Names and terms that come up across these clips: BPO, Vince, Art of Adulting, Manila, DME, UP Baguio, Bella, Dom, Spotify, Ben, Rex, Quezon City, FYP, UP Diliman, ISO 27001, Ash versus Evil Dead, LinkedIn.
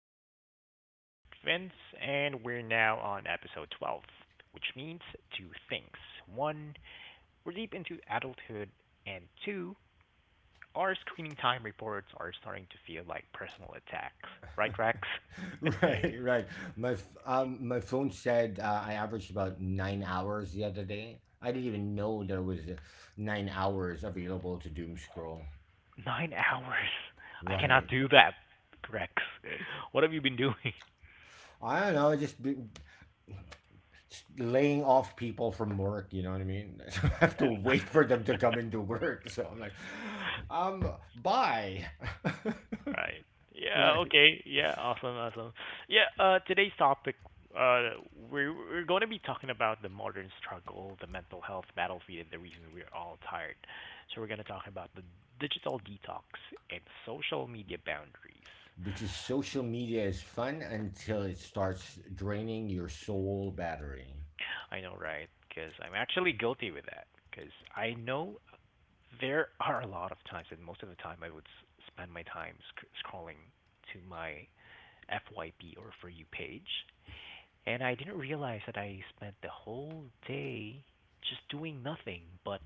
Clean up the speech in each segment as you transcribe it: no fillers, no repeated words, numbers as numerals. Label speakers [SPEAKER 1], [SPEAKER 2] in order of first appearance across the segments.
[SPEAKER 1] Welcome back to the Art of Adulting with Vince, and we're now on episode 12, which means two things. One, we're deep into adulthood, and two, our screening time reports are starting to feel like personal attacks. Right, Rex?
[SPEAKER 2] Right, right. My phone said I averaged about 9 hours the other day. I didn't even know there was 9 hours available to doom scroll.
[SPEAKER 1] 9 hours. I cannot
[SPEAKER 2] Right.
[SPEAKER 1] do that, Rex. What have you been doing?
[SPEAKER 2] I don't know. Just laying off people from work. You know what I mean? So I have to wait for them to come into work. So I'm like, um, bye.
[SPEAKER 1] Right. Yeah,
[SPEAKER 2] Right.
[SPEAKER 1] okay. Yeah, awesome, awesome. Yeah, today's topic uh we're going to be talking about the modern struggle, the mental health battlefield, and the reason we're all tired. So we're going to talk about the digital detox and social media boundaries.
[SPEAKER 2] Because social media is fun until it starts draining your soul battery.
[SPEAKER 1] I know, right? Cuz I'm actually guilty with that cuz I know there are a lot of times and most of the time I would spend my time scrolling to my FYP or for you page. And I didn't realize that I spent the whole day just doing nothing but,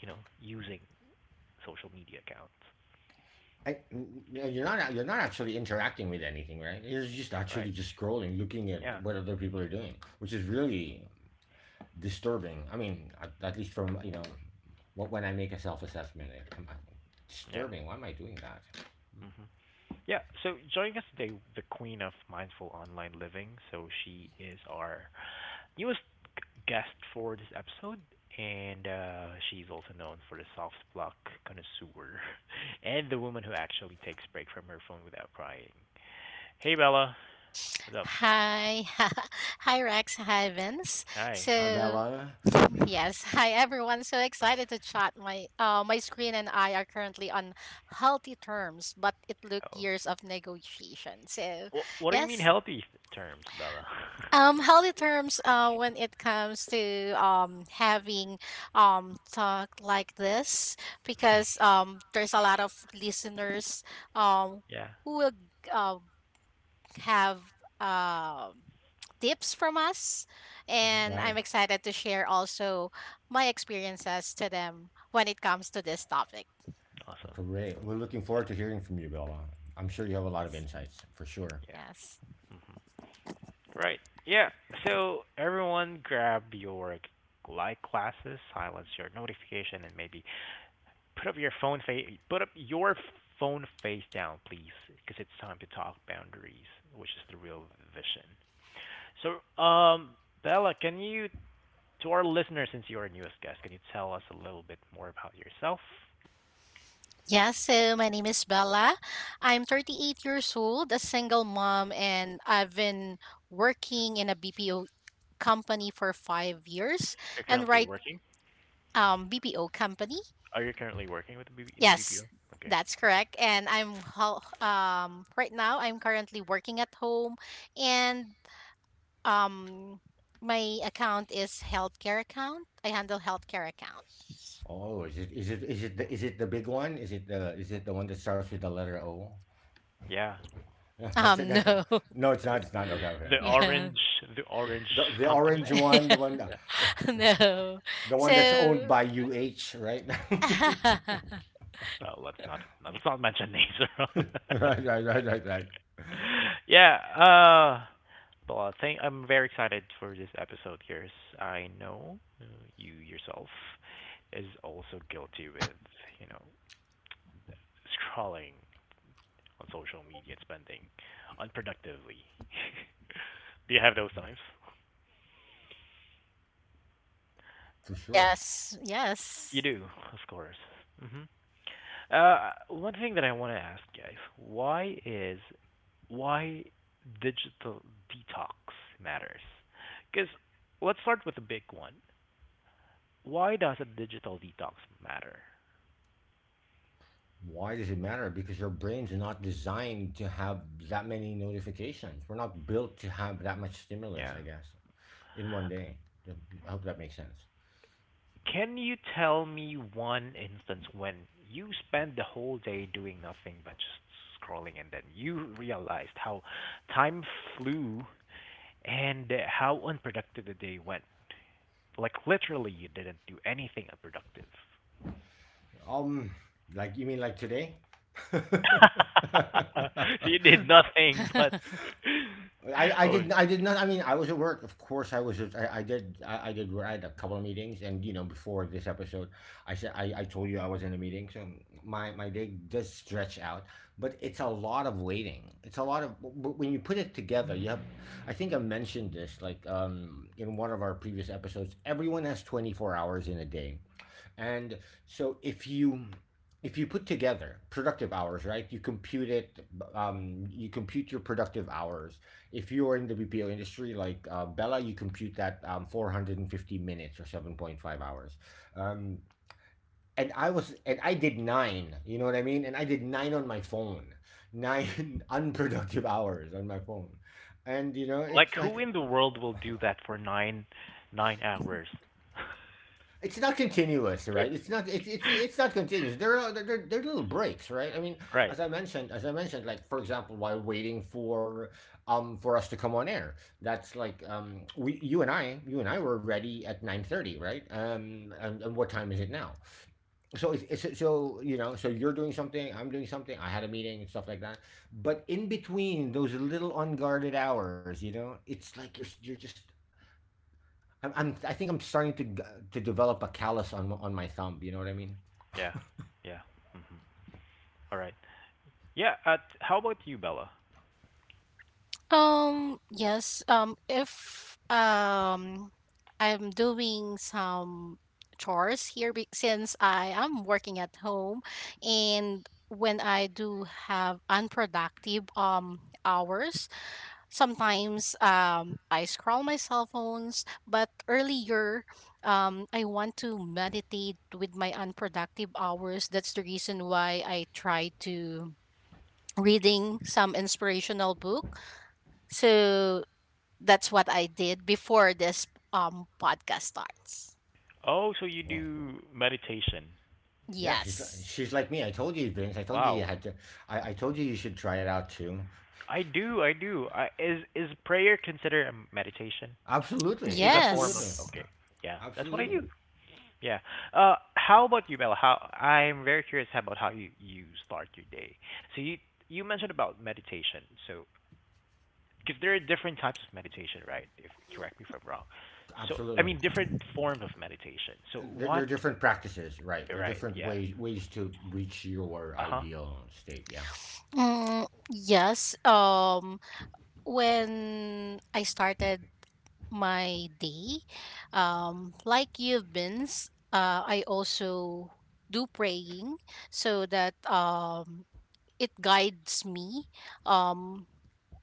[SPEAKER 1] using social media accounts.
[SPEAKER 2] I, no, you're not actually interacting with anything, right? You're just
[SPEAKER 1] All
[SPEAKER 2] actually
[SPEAKER 1] right.
[SPEAKER 2] just scrolling, looking at
[SPEAKER 1] Yeah.
[SPEAKER 2] what other people are doing, which is really disturbing. I mean, at least from you know what when I make a self assessment, I'm like,
[SPEAKER 1] Yeah.
[SPEAKER 2] disturbing. Why am I doing that,
[SPEAKER 1] Hmm. Yeah. So joining us today, the queen of mindful online living. So she is our newest guest for this episode, and she's also known for the soft block connoisseur and the woman who actually takes break from her phone without crying. Hey, Bella. What's up?
[SPEAKER 3] Hi, hi Rex, hi Vince.
[SPEAKER 1] Hi.
[SPEAKER 3] So
[SPEAKER 2] Bella?
[SPEAKER 3] yes, hi everyone. So excited to chat. My screen and I are currently on healthy terms, but it took
[SPEAKER 1] Oh.
[SPEAKER 3] years of negotiation. So
[SPEAKER 1] What do you mean
[SPEAKER 3] yes,
[SPEAKER 1] healthy terms, Bella?
[SPEAKER 3] healthy terms. When it comes to having talk like this, because there's a lot of listeners um
[SPEAKER 1] Yeah.
[SPEAKER 3] who will uh, have um, tips from us.
[SPEAKER 1] Hmm.
[SPEAKER 3] And I'm
[SPEAKER 2] Right?
[SPEAKER 3] excited to share also my experiences to them when it comes to this topic.
[SPEAKER 1] Awesome.
[SPEAKER 2] Great. We're looking forward
[SPEAKER 1] Yeah.
[SPEAKER 2] to hearing from you, Bella. I'm sure you have a lot of
[SPEAKER 3] Yes.
[SPEAKER 2] insights for sure.
[SPEAKER 1] Yeah.
[SPEAKER 3] Yes.
[SPEAKER 1] Hmm. Right. Yeah. So everyone, grab your like classes, silence your notification, and maybe put up your phone face. Put up your phone face down, please, because it's time to talk boundaries, which is the real vision. So, Bella, can you, to our listeners, since you're our newest guest, can you tell us a little bit more about yourself?
[SPEAKER 3] Yes, so my name is Bella. I'm 38 years old, a single mom, and I've been working in a BPO company for 5 years.
[SPEAKER 1] You're
[SPEAKER 3] And
[SPEAKER 1] currently
[SPEAKER 3] right,
[SPEAKER 1] working.
[SPEAKER 3] BPO company.
[SPEAKER 1] Are you currently working with the BB in the
[SPEAKER 3] Yes,
[SPEAKER 1] BPO? Okay.
[SPEAKER 3] that's correct. Right now I'm currently working at home, and Um, my account is healthcare account. I handle healthcare account.
[SPEAKER 2] Oh, is it the big one? Is it the one that starts with the letter O?
[SPEAKER 1] Yeah.
[SPEAKER 2] That's it.
[SPEAKER 3] No,
[SPEAKER 2] No, it's
[SPEAKER 1] The
[SPEAKER 2] not. It's not.
[SPEAKER 1] the
[SPEAKER 2] Okay. Okay.
[SPEAKER 1] the
[SPEAKER 2] Okay. Okay.
[SPEAKER 3] yeah,
[SPEAKER 1] orange the orange
[SPEAKER 2] The
[SPEAKER 1] company?
[SPEAKER 2] orange one, the one,
[SPEAKER 1] Yeah.
[SPEAKER 3] no.
[SPEAKER 2] the one that's owned
[SPEAKER 3] So,
[SPEAKER 2] by UH, right?
[SPEAKER 1] Oh, let's not, no, let's not mention names. around that.
[SPEAKER 2] Right, right, right, right, right.
[SPEAKER 1] Yeah. Well, I think I'm very excited for this episode here, as I know you yourself is also guilty with, you know scrolling on social media and spending unproductively. Do you have those times?
[SPEAKER 2] For sure.
[SPEAKER 3] yes,
[SPEAKER 1] You
[SPEAKER 3] yes.
[SPEAKER 1] do, of course. Hmm. One thing that I want to ask, guys, why digital detox matters? Because let's start with the big one. Why does a digital detox matter?
[SPEAKER 2] Why does it matter? Because your brain's not designed to have that many notifications. We're not built to have that much stimulus,
[SPEAKER 1] Yeah.
[SPEAKER 2] I guess, in one day. I hope that makes sense.
[SPEAKER 1] Can you tell me one instance when you spend the whole day doing nothing but just scrolling and then you realized how time flew and how unproductive the day went? Like literally, you didn't do anything unproductive.
[SPEAKER 2] Um, like you mean like today?
[SPEAKER 1] So you did nothing but oh,
[SPEAKER 2] I did not. I mean, I was at work of course. I was just, I had a couple of meetings, and you know before this episode I said I told you I was in a meeting, so my day does stretch out, but it's a lot of waiting. It's a lot of when you put it together, you have— I think I mentioned this like in one of our previous episodes, everyone has 24 hours in a day, and so if you put together productive hours, right? You compute it. You compute your productive hours. If you're in the BPO industry, like Bella, you compute that 450 minutes or 7.5 hours. Um, and I did nine. You know what I mean? And I did nine on my phone, nine unproductive hours on my phone, and you know
[SPEAKER 1] like
[SPEAKER 2] it's like
[SPEAKER 1] who in the world will do that for nine hours?
[SPEAKER 2] it's not continuous, right? It's not continuous. There are little breaks, right? I mean,
[SPEAKER 1] Right.
[SPEAKER 2] as I mentioned, like for example, while waiting for us to come on air, that's like we you and I were ready at 9:30, right? And what time is it now? So it's so you know, so you're doing something, I'm doing something. I had a meeting and stuff like that, but in between those little unguarded hours, you know, it's like you're just— I think I'm starting to to develop a callus on my thumb. You know what I mean?
[SPEAKER 1] Yeah. Yeah. Mhm. All right. Yeah. How about you, Bella?
[SPEAKER 3] Yes. If I'm doing some chores here since I am working at home, and when I do have unproductive hours, sometimes I scroll my cell phones, but earlier I want to meditate with my unproductive hours. That's the reason why I try to reading some inspirational book. So that's what I did before this podcast starts.
[SPEAKER 1] Oh, so you
[SPEAKER 2] Well,
[SPEAKER 1] do meditation.
[SPEAKER 2] yeah,
[SPEAKER 3] Yes.
[SPEAKER 2] she's like me. I told you, Vince. I told you you
[SPEAKER 1] Wow.
[SPEAKER 2] had to. I told you you should try it out too.
[SPEAKER 1] I do. I do. I, is prayer considered a meditation?
[SPEAKER 2] Absolutely,
[SPEAKER 1] Is a form of,
[SPEAKER 2] absolutely,
[SPEAKER 3] Yes.
[SPEAKER 1] okay. Yeah. That's what I
[SPEAKER 2] absolutely,
[SPEAKER 1] do. Yeah. How about you, Bella? How, I'm very curious about how you start your day. So you mentioned about meditation. So because there are different types of meditation, right? If correct me if I'm wrong. So I
[SPEAKER 2] absolutely.
[SPEAKER 1] mean different forms of meditation. So
[SPEAKER 2] There
[SPEAKER 1] what?
[SPEAKER 2] are different practices, right? There are
[SPEAKER 1] Right.
[SPEAKER 2] different
[SPEAKER 1] Yeah.
[SPEAKER 2] ways to reach your
[SPEAKER 1] Uh huh.
[SPEAKER 2] ideal state. Yeah,
[SPEAKER 3] Yes. When I started my day, like you've been, I also do praying so that it guides me, um,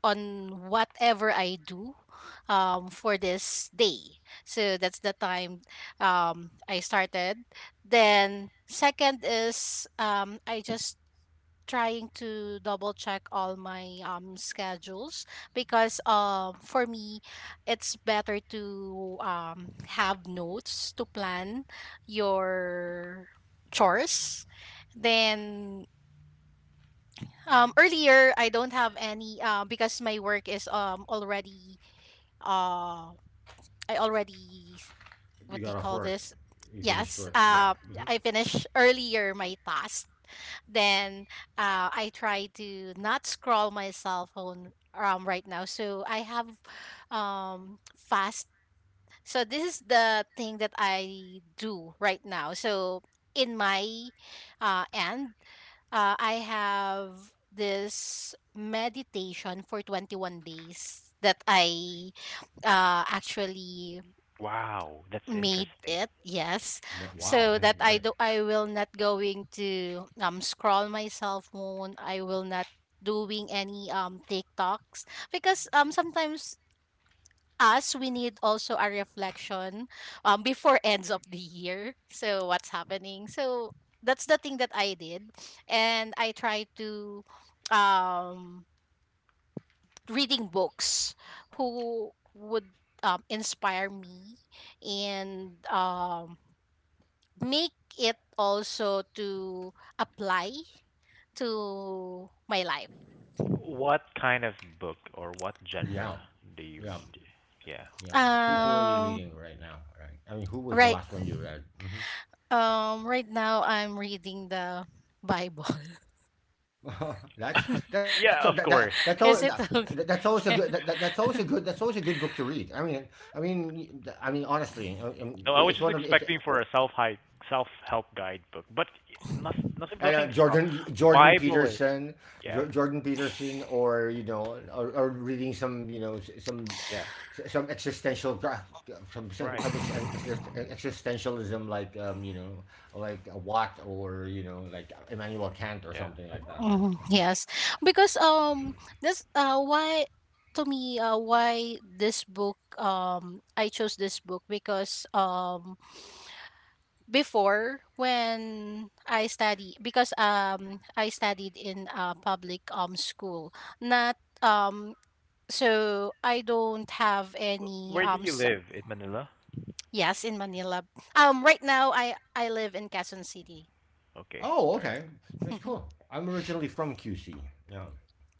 [SPEAKER 3] on whatever I do for this day. So that's the time I started. Then, second is, I just trying to double check all my schedules because for me it's better to have notes to plan your chores. Then earlier I don't have any because my work is already uh I already, what do you
[SPEAKER 2] you got
[SPEAKER 3] call
[SPEAKER 2] off
[SPEAKER 3] this,
[SPEAKER 2] work, you
[SPEAKER 3] yes
[SPEAKER 2] finished work.
[SPEAKER 3] uh
[SPEAKER 2] Yeah.
[SPEAKER 3] I
[SPEAKER 2] Hmm.
[SPEAKER 3] finished earlier my task. Then I try to not scroll my cell phone right now. So I have, fast. So this is the thing that I do right now. So in my end, I have this meditation for 21 days that I actually
[SPEAKER 1] Wow, that's
[SPEAKER 3] made
[SPEAKER 1] interesting.
[SPEAKER 3] it, yes, so that
[SPEAKER 2] Wow,
[SPEAKER 3] I do, I will not going to scroll myself phone. I will not doing any tiktoks, because sometimes us we need also a reflection before ends of the year, so what's happening. So that's the thing that I did, and I try to um reading books who would inspire me and make it also to apply to my life.
[SPEAKER 1] What kind of book or what genre do
[SPEAKER 2] yeah,
[SPEAKER 1] you read?
[SPEAKER 2] yeah.
[SPEAKER 1] Yeah, that's what
[SPEAKER 2] Yeah.
[SPEAKER 1] I
[SPEAKER 2] Who
[SPEAKER 3] Um
[SPEAKER 2] who are you reading right now? Right. I
[SPEAKER 3] right
[SPEAKER 2] mean, who was the last one you read? Mm-hmm.
[SPEAKER 3] right now I'm reading the Bible.
[SPEAKER 1] want.
[SPEAKER 2] that that's
[SPEAKER 1] Yeah, of
[SPEAKER 2] that,
[SPEAKER 1] course.
[SPEAKER 2] that that's all
[SPEAKER 3] Is it
[SPEAKER 2] that,
[SPEAKER 3] okay?
[SPEAKER 2] that's always a good book to read. I mean, honestly,
[SPEAKER 1] No, I was
[SPEAKER 2] it's
[SPEAKER 1] just
[SPEAKER 2] one of it's—
[SPEAKER 1] expecting for a self hi self help guidebook, but nothing nothing
[SPEAKER 2] And
[SPEAKER 1] nothing is wrong. Bible is, yeah,
[SPEAKER 2] Jordan Peterson, or reading some
[SPEAKER 1] yeah,
[SPEAKER 2] some
[SPEAKER 1] right,
[SPEAKER 2] existentialism like like Watt, or like Immanuel Kant, or
[SPEAKER 1] yeah.
[SPEAKER 2] something like that, right?
[SPEAKER 3] Mhm, yes. Because this why, to me, why this book, I chose this book because before when I study, because I studied in a public school, not so I don't have any
[SPEAKER 1] Where do you
[SPEAKER 3] s
[SPEAKER 1] live in Manila?
[SPEAKER 3] yes, in Manila. Right now I live in Quezon City.
[SPEAKER 1] Okay,
[SPEAKER 2] Oh,
[SPEAKER 1] all
[SPEAKER 2] okay, that's cool. I'm originally from QC. Yeah,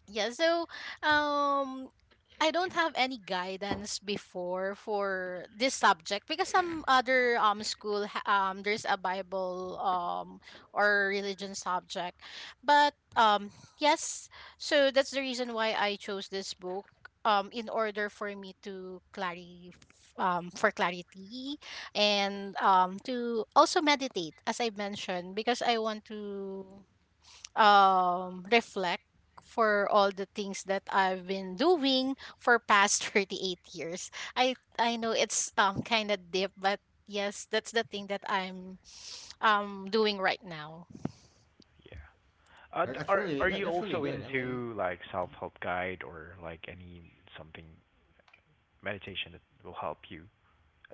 [SPEAKER 3] Yeah, so um I don't have any guidance before for this subject because some other school there's a Bible or religion subject, but yes, so that's the reason why I chose this book in order for me to clarify, for clarity, and to also meditate, as I mentioned, because I want to reflect for all the things that I've been doing for past 38 years. I know it's kind of deep, but yes, that's the thing that I'm doing right now.
[SPEAKER 1] right, yeah. Uh, d- are are you
[SPEAKER 2] That's really
[SPEAKER 1] also
[SPEAKER 2] good. I mean,
[SPEAKER 1] into like self help guide or like any something meditation that will help you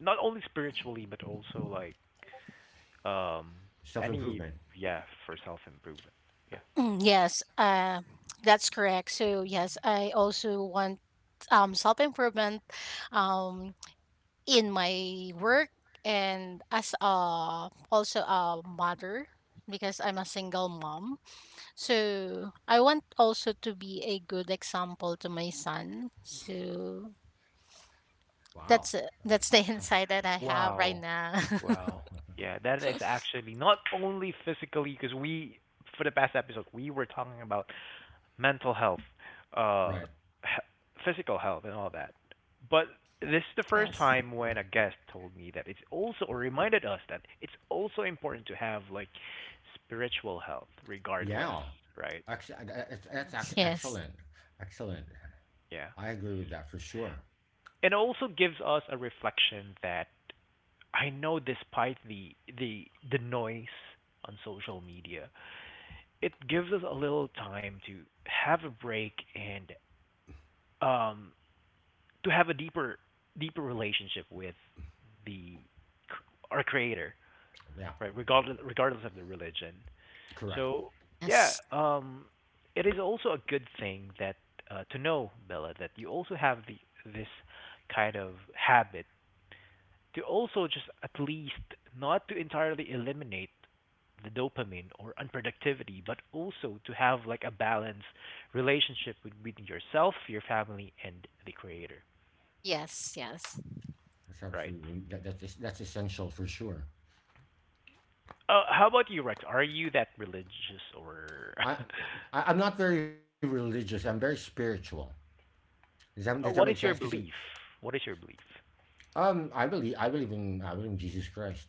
[SPEAKER 1] not only spiritually but also like um
[SPEAKER 2] self
[SPEAKER 1] any,
[SPEAKER 2] improvement.
[SPEAKER 1] yeah, for self improvement, yeah?
[SPEAKER 3] Yes, that's correct. So yes, I also want self improvement um in my work and as a also a mother, because I'm a single mom. So I want also to be a good example to my son. So
[SPEAKER 2] Wow.
[SPEAKER 3] that's it. That's the insight that I have right
[SPEAKER 1] Wow.
[SPEAKER 3] now.
[SPEAKER 1] Wow. Yeah, that is actually not only physically because we, for the past episode, we were talking about mental health, uh
[SPEAKER 2] Right.
[SPEAKER 1] physical health and all that. But this is the first
[SPEAKER 3] Yes.
[SPEAKER 1] time when a guest told me that it's also or reminded us that it's also important to have like spiritual health regardless,
[SPEAKER 2] Yeah,
[SPEAKER 1] right?
[SPEAKER 2] actually, that's it's
[SPEAKER 3] Yes.
[SPEAKER 2] excellent, excellent.
[SPEAKER 1] Yeah.
[SPEAKER 2] I agree with that for sure.
[SPEAKER 1] It also gives us a reflection that I know despite the the noise on social media it gives us a little time to have a break and, um, to have a deeper relationship with the our creator,
[SPEAKER 2] Yeah,
[SPEAKER 1] right? Regardless of the religion,
[SPEAKER 2] correct.
[SPEAKER 1] so, yeah,
[SPEAKER 3] Yes.
[SPEAKER 1] it is also a good thing that, to know Bella that you also have the this kind of habit to also just at least not to entirely eliminate the dopamine or unproductivity, but also to have like a balanced relationship between yourself, your family, and the creator,
[SPEAKER 3] Yes. Yes.
[SPEAKER 2] That's
[SPEAKER 1] right?
[SPEAKER 2] absolutely that's essential for sure.
[SPEAKER 1] How about you, Rex? Are you that religious, or
[SPEAKER 2] I, I'm not very religious. I'm very spiritual. Does that make
[SPEAKER 1] What is
[SPEAKER 2] sense?
[SPEAKER 1] your
[SPEAKER 2] Because
[SPEAKER 1] belief? What is your belief?
[SPEAKER 2] I believe in Jesus Christ.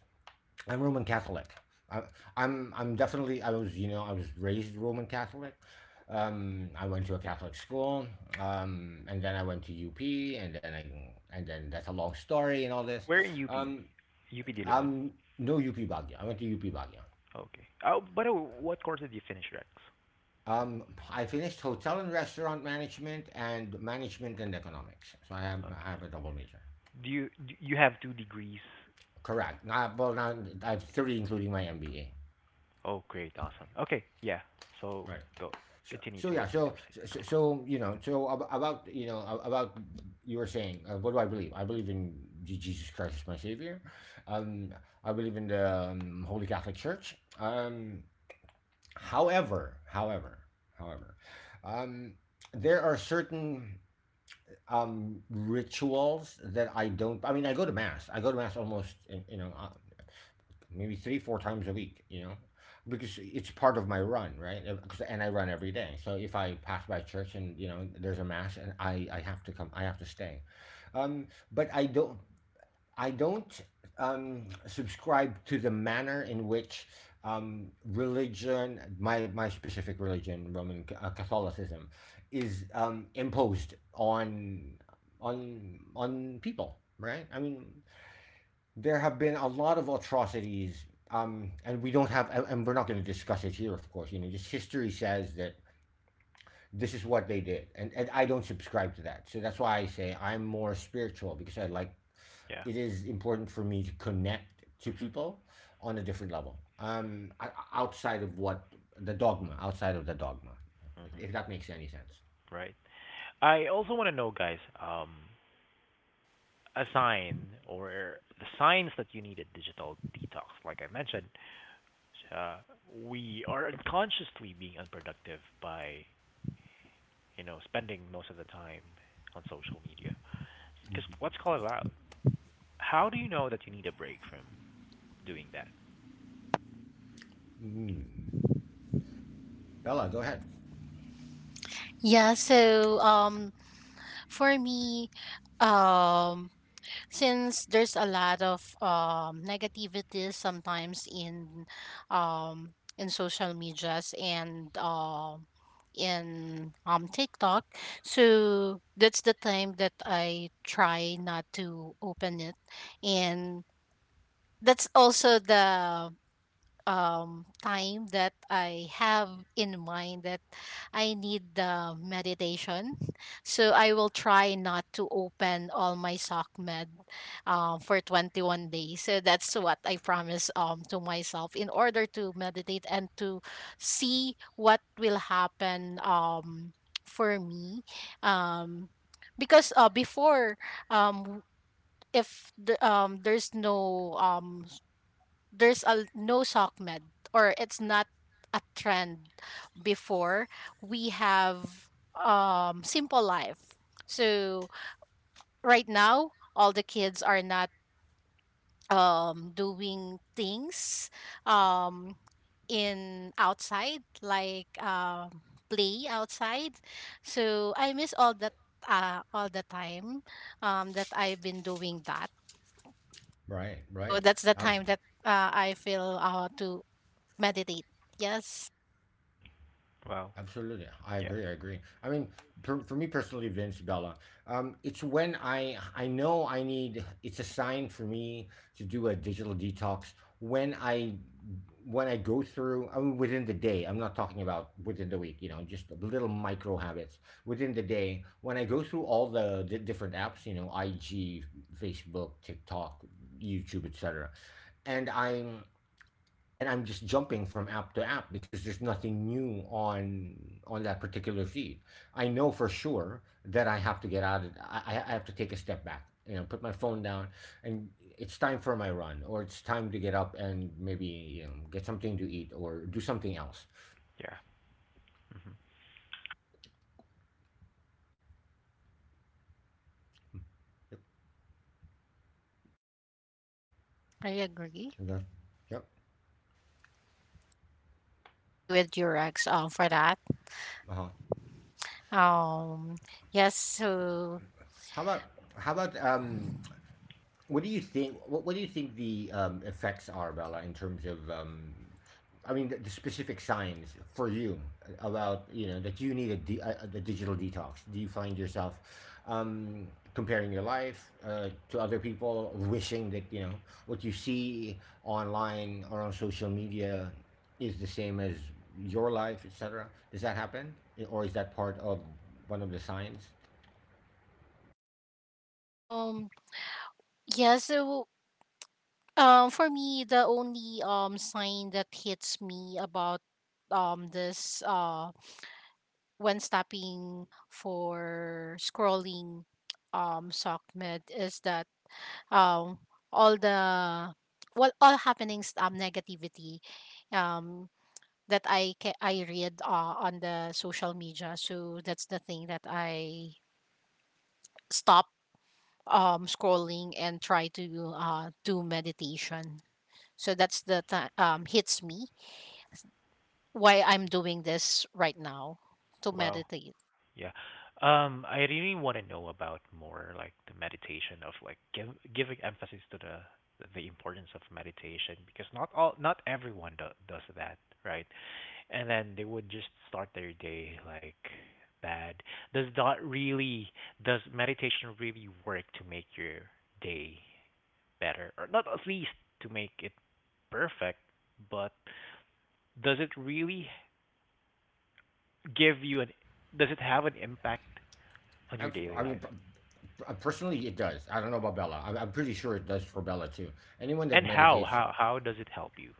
[SPEAKER 2] I'm Roman Catholic. I, I was raised Roman Catholic. I went to a Catholic school, and then I went to UP, and then I and then that's a long story and all this.
[SPEAKER 1] Where in UP?
[SPEAKER 2] Um,
[SPEAKER 1] UP Diliman.
[SPEAKER 2] I'm no UP Baguio. I went to UP Baguio.
[SPEAKER 1] Okay. Oh, by the way, what course did you finish, Rex?
[SPEAKER 2] Um, I finished hotel and restaurant management and management and economics. So I have I
[SPEAKER 1] Okay.
[SPEAKER 2] have a double major.
[SPEAKER 1] Do you have two degrees?
[SPEAKER 2] Correct. Now, well, now I have three, including my MBA.
[SPEAKER 1] Oh, great. Awesome. Okay. Yeah. So
[SPEAKER 2] Right.
[SPEAKER 1] go
[SPEAKER 2] So,
[SPEAKER 1] continue
[SPEAKER 2] so
[SPEAKER 1] to
[SPEAKER 2] yeah,
[SPEAKER 1] what you
[SPEAKER 2] so,
[SPEAKER 1] were saying.
[SPEAKER 2] so so so, you know, about about you were saying, what do I believe? I believe in Jesus Christ as my savior. Um, I believe in the Holy Catholic Church. However, however, however, um, there are certain rituals that I don't. I mean, I go to mass. I go to mass almost, you know, maybe three four times a week, you know, because it's part of my run, right. And I run every day, so if I pass by church and you know there's a mass, and I have to come, I have to stay, but I don't subscribe to the manner in which religion my specific religion, Roman Catholicism, is imposed on people, right? I mean, there have been a lot of atrocities, and we don't have, and we're not going to discuss it here, of course. You know, just history says that this is what they did, and I don't subscribe to that. So that's why I say I'm more spiritual because I like.
[SPEAKER 1] Yeah.
[SPEAKER 2] It is important for me to connect to
[SPEAKER 1] Hmm.
[SPEAKER 2] people on a different level, outside of the dogma,
[SPEAKER 1] Hmm.
[SPEAKER 2] if that makes any sense.
[SPEAKER 1] Right. I also want to know, guys, a sign or the signs that you need a digital detox. Like I mentioned, uh, we are unconsciously being unproductive by, spending most of the time on social media. Because what's called out? How do you know that you need a break from doing that?
[SPEAKER 2] Mm. Bella, go ahead.
[SPEAKER 3] Yeah. So for me, um, since there's a lot of negativity sometimes in social medias and in TikTok. So that's the time that I try not to open it, and that's also the time that I have in mind that I need the meditation. So I will try not to open all my sock med for 21 days. So that's what I promise to myself in order to meditate and to see what will happen for me. Um because Before, w- if the, there's there's a no sock med, or it's not a trend before, we have simple life. So right now all the kids are not doing things um in outside, like play outside. So I miss all that all the time that I've been doing that.
[SPEAKER 2] Right,
[SPEAKER 3] So
[SPEAKER 2] right.
[SPEAKER 3] that's the
[SPEAKER 2] Abs-
[SPEAKER 3] time that I feel to meditate, yes.
[SPEAKER 1] Wow.
[SPEAKER 2] Absolutely, I
[SPEAKER 1] Yeah.
[SPEAKER 2] agree. I agree. I mean, for me personally, Vince, Bella, it's when I know I need. It's a sign for me to do a digital detox when I go through. I mean, within the day. I'm not talking about within the week. You know, just little micro habits within the day. When I go through all the di different apps, you know, IG, Facebook, TikTok, YouTube, etc., and I'm and I'm just jumping from app to app because there's nothing new on that particular feed. I know for sure that I have to take a step back, you know, put my phone down, and it's time for my run or it's time to get up, and maybe you know get something to eat or do something else.
[SPEAKER 1] Yeah. Hmm.
[SPEAKER 2] Mm, yep.
[SPEAKER 3] I agree.
[SPEAKER 2] Yep. Yep.
[SPEAKER 3] Agree with your ex. For that.
[SPEAKER 2] Uh-huh.
[SPEAKER 3] Um, yes. So,
[SPEAKER 2] How about how about What do you think? What do you think the effects are, Bella, in terms of, I mean, the specific signs for you about you know that you need a digital detox? Do you find yourself um, comparing your life to other people, wishing that you know what you see online or on social media is the same as your life, etc.? Does that happen, or is that part of one of the signs?
[SPEAKER 3] um, yeah. So, for me, the only sign that hits me about this when stopping for scrolling SOCMED is that um all the well all happenings negativity um that I read on the social media. So that's the thing that I stop scrolling and try to do meditation. So that's the time hits me why I'm doing this right now, to
[SPEAKER 1] Wow.
[SPEAKER 3] meditate.
[SPEAKER 1] Yeah. I really want to know about more like the meditation of like, giving emphasis to the importance of meditation because not everyone does that, right? And then they would just start their day like bad. Does that really does meditation really work to make your day better or not at least to make it perfect, but does it really give you an does it have an impact on your
[SPEAKER 2] I
[SPEAKER 1] daily
[SPEAKER 2] mean,
[SPEAKER 1] life?
[SPEAKER 2] Personally, it does. I don't know about Bella. I'm pretty sure it does for Bella too. Anyone that
[SPEAKER 1] And how
[SPEAKER 2] meditates
[SPEAKER 1] how how does it help you?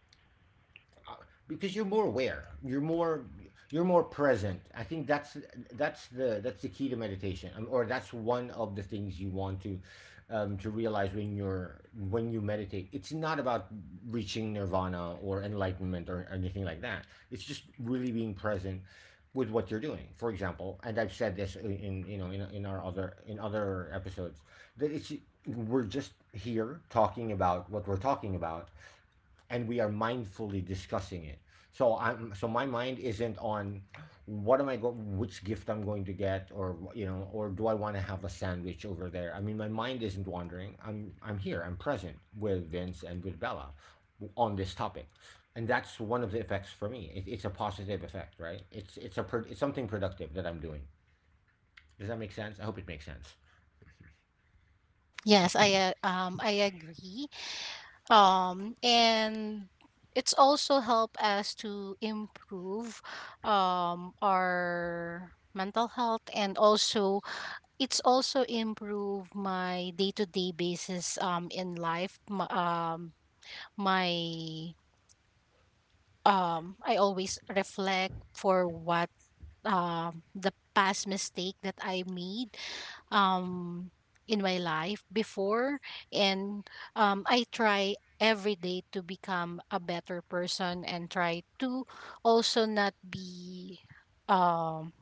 [SPEAKER 2] because you're more aware, you're more present. I think that's the key to meditation, or that's one of the things you want to realize when you meditate. It's not about reaching nirvana or enlightenment or anything like that. It's just really being present with what you're doing, for example. And I've said this in, you know, in our other in other episodes, that it's— We're just here talking about what we're talking about, and we are mindfully discussing it. So I'm so my mind isn't on what am I go which gift I'm going to get, or you know or do I want to have a sandwich over there? I mean, my mind isn't wandering. I'm here. I'm present with Vince and with Bella on this topic. And that's one of the effects for me. It's a positive effect, right? It's it's something productive that I'm doing. Does that make sense? I hope it makes sense.
[SPEAKER 3] Yes, I agree. And it's also help us to improve our mental health, and also it's also improve my day-to-day basis in life. M- my I always reflect for what the past mistake that I made um in my life before, and I try every day to become a better person and try to also not be um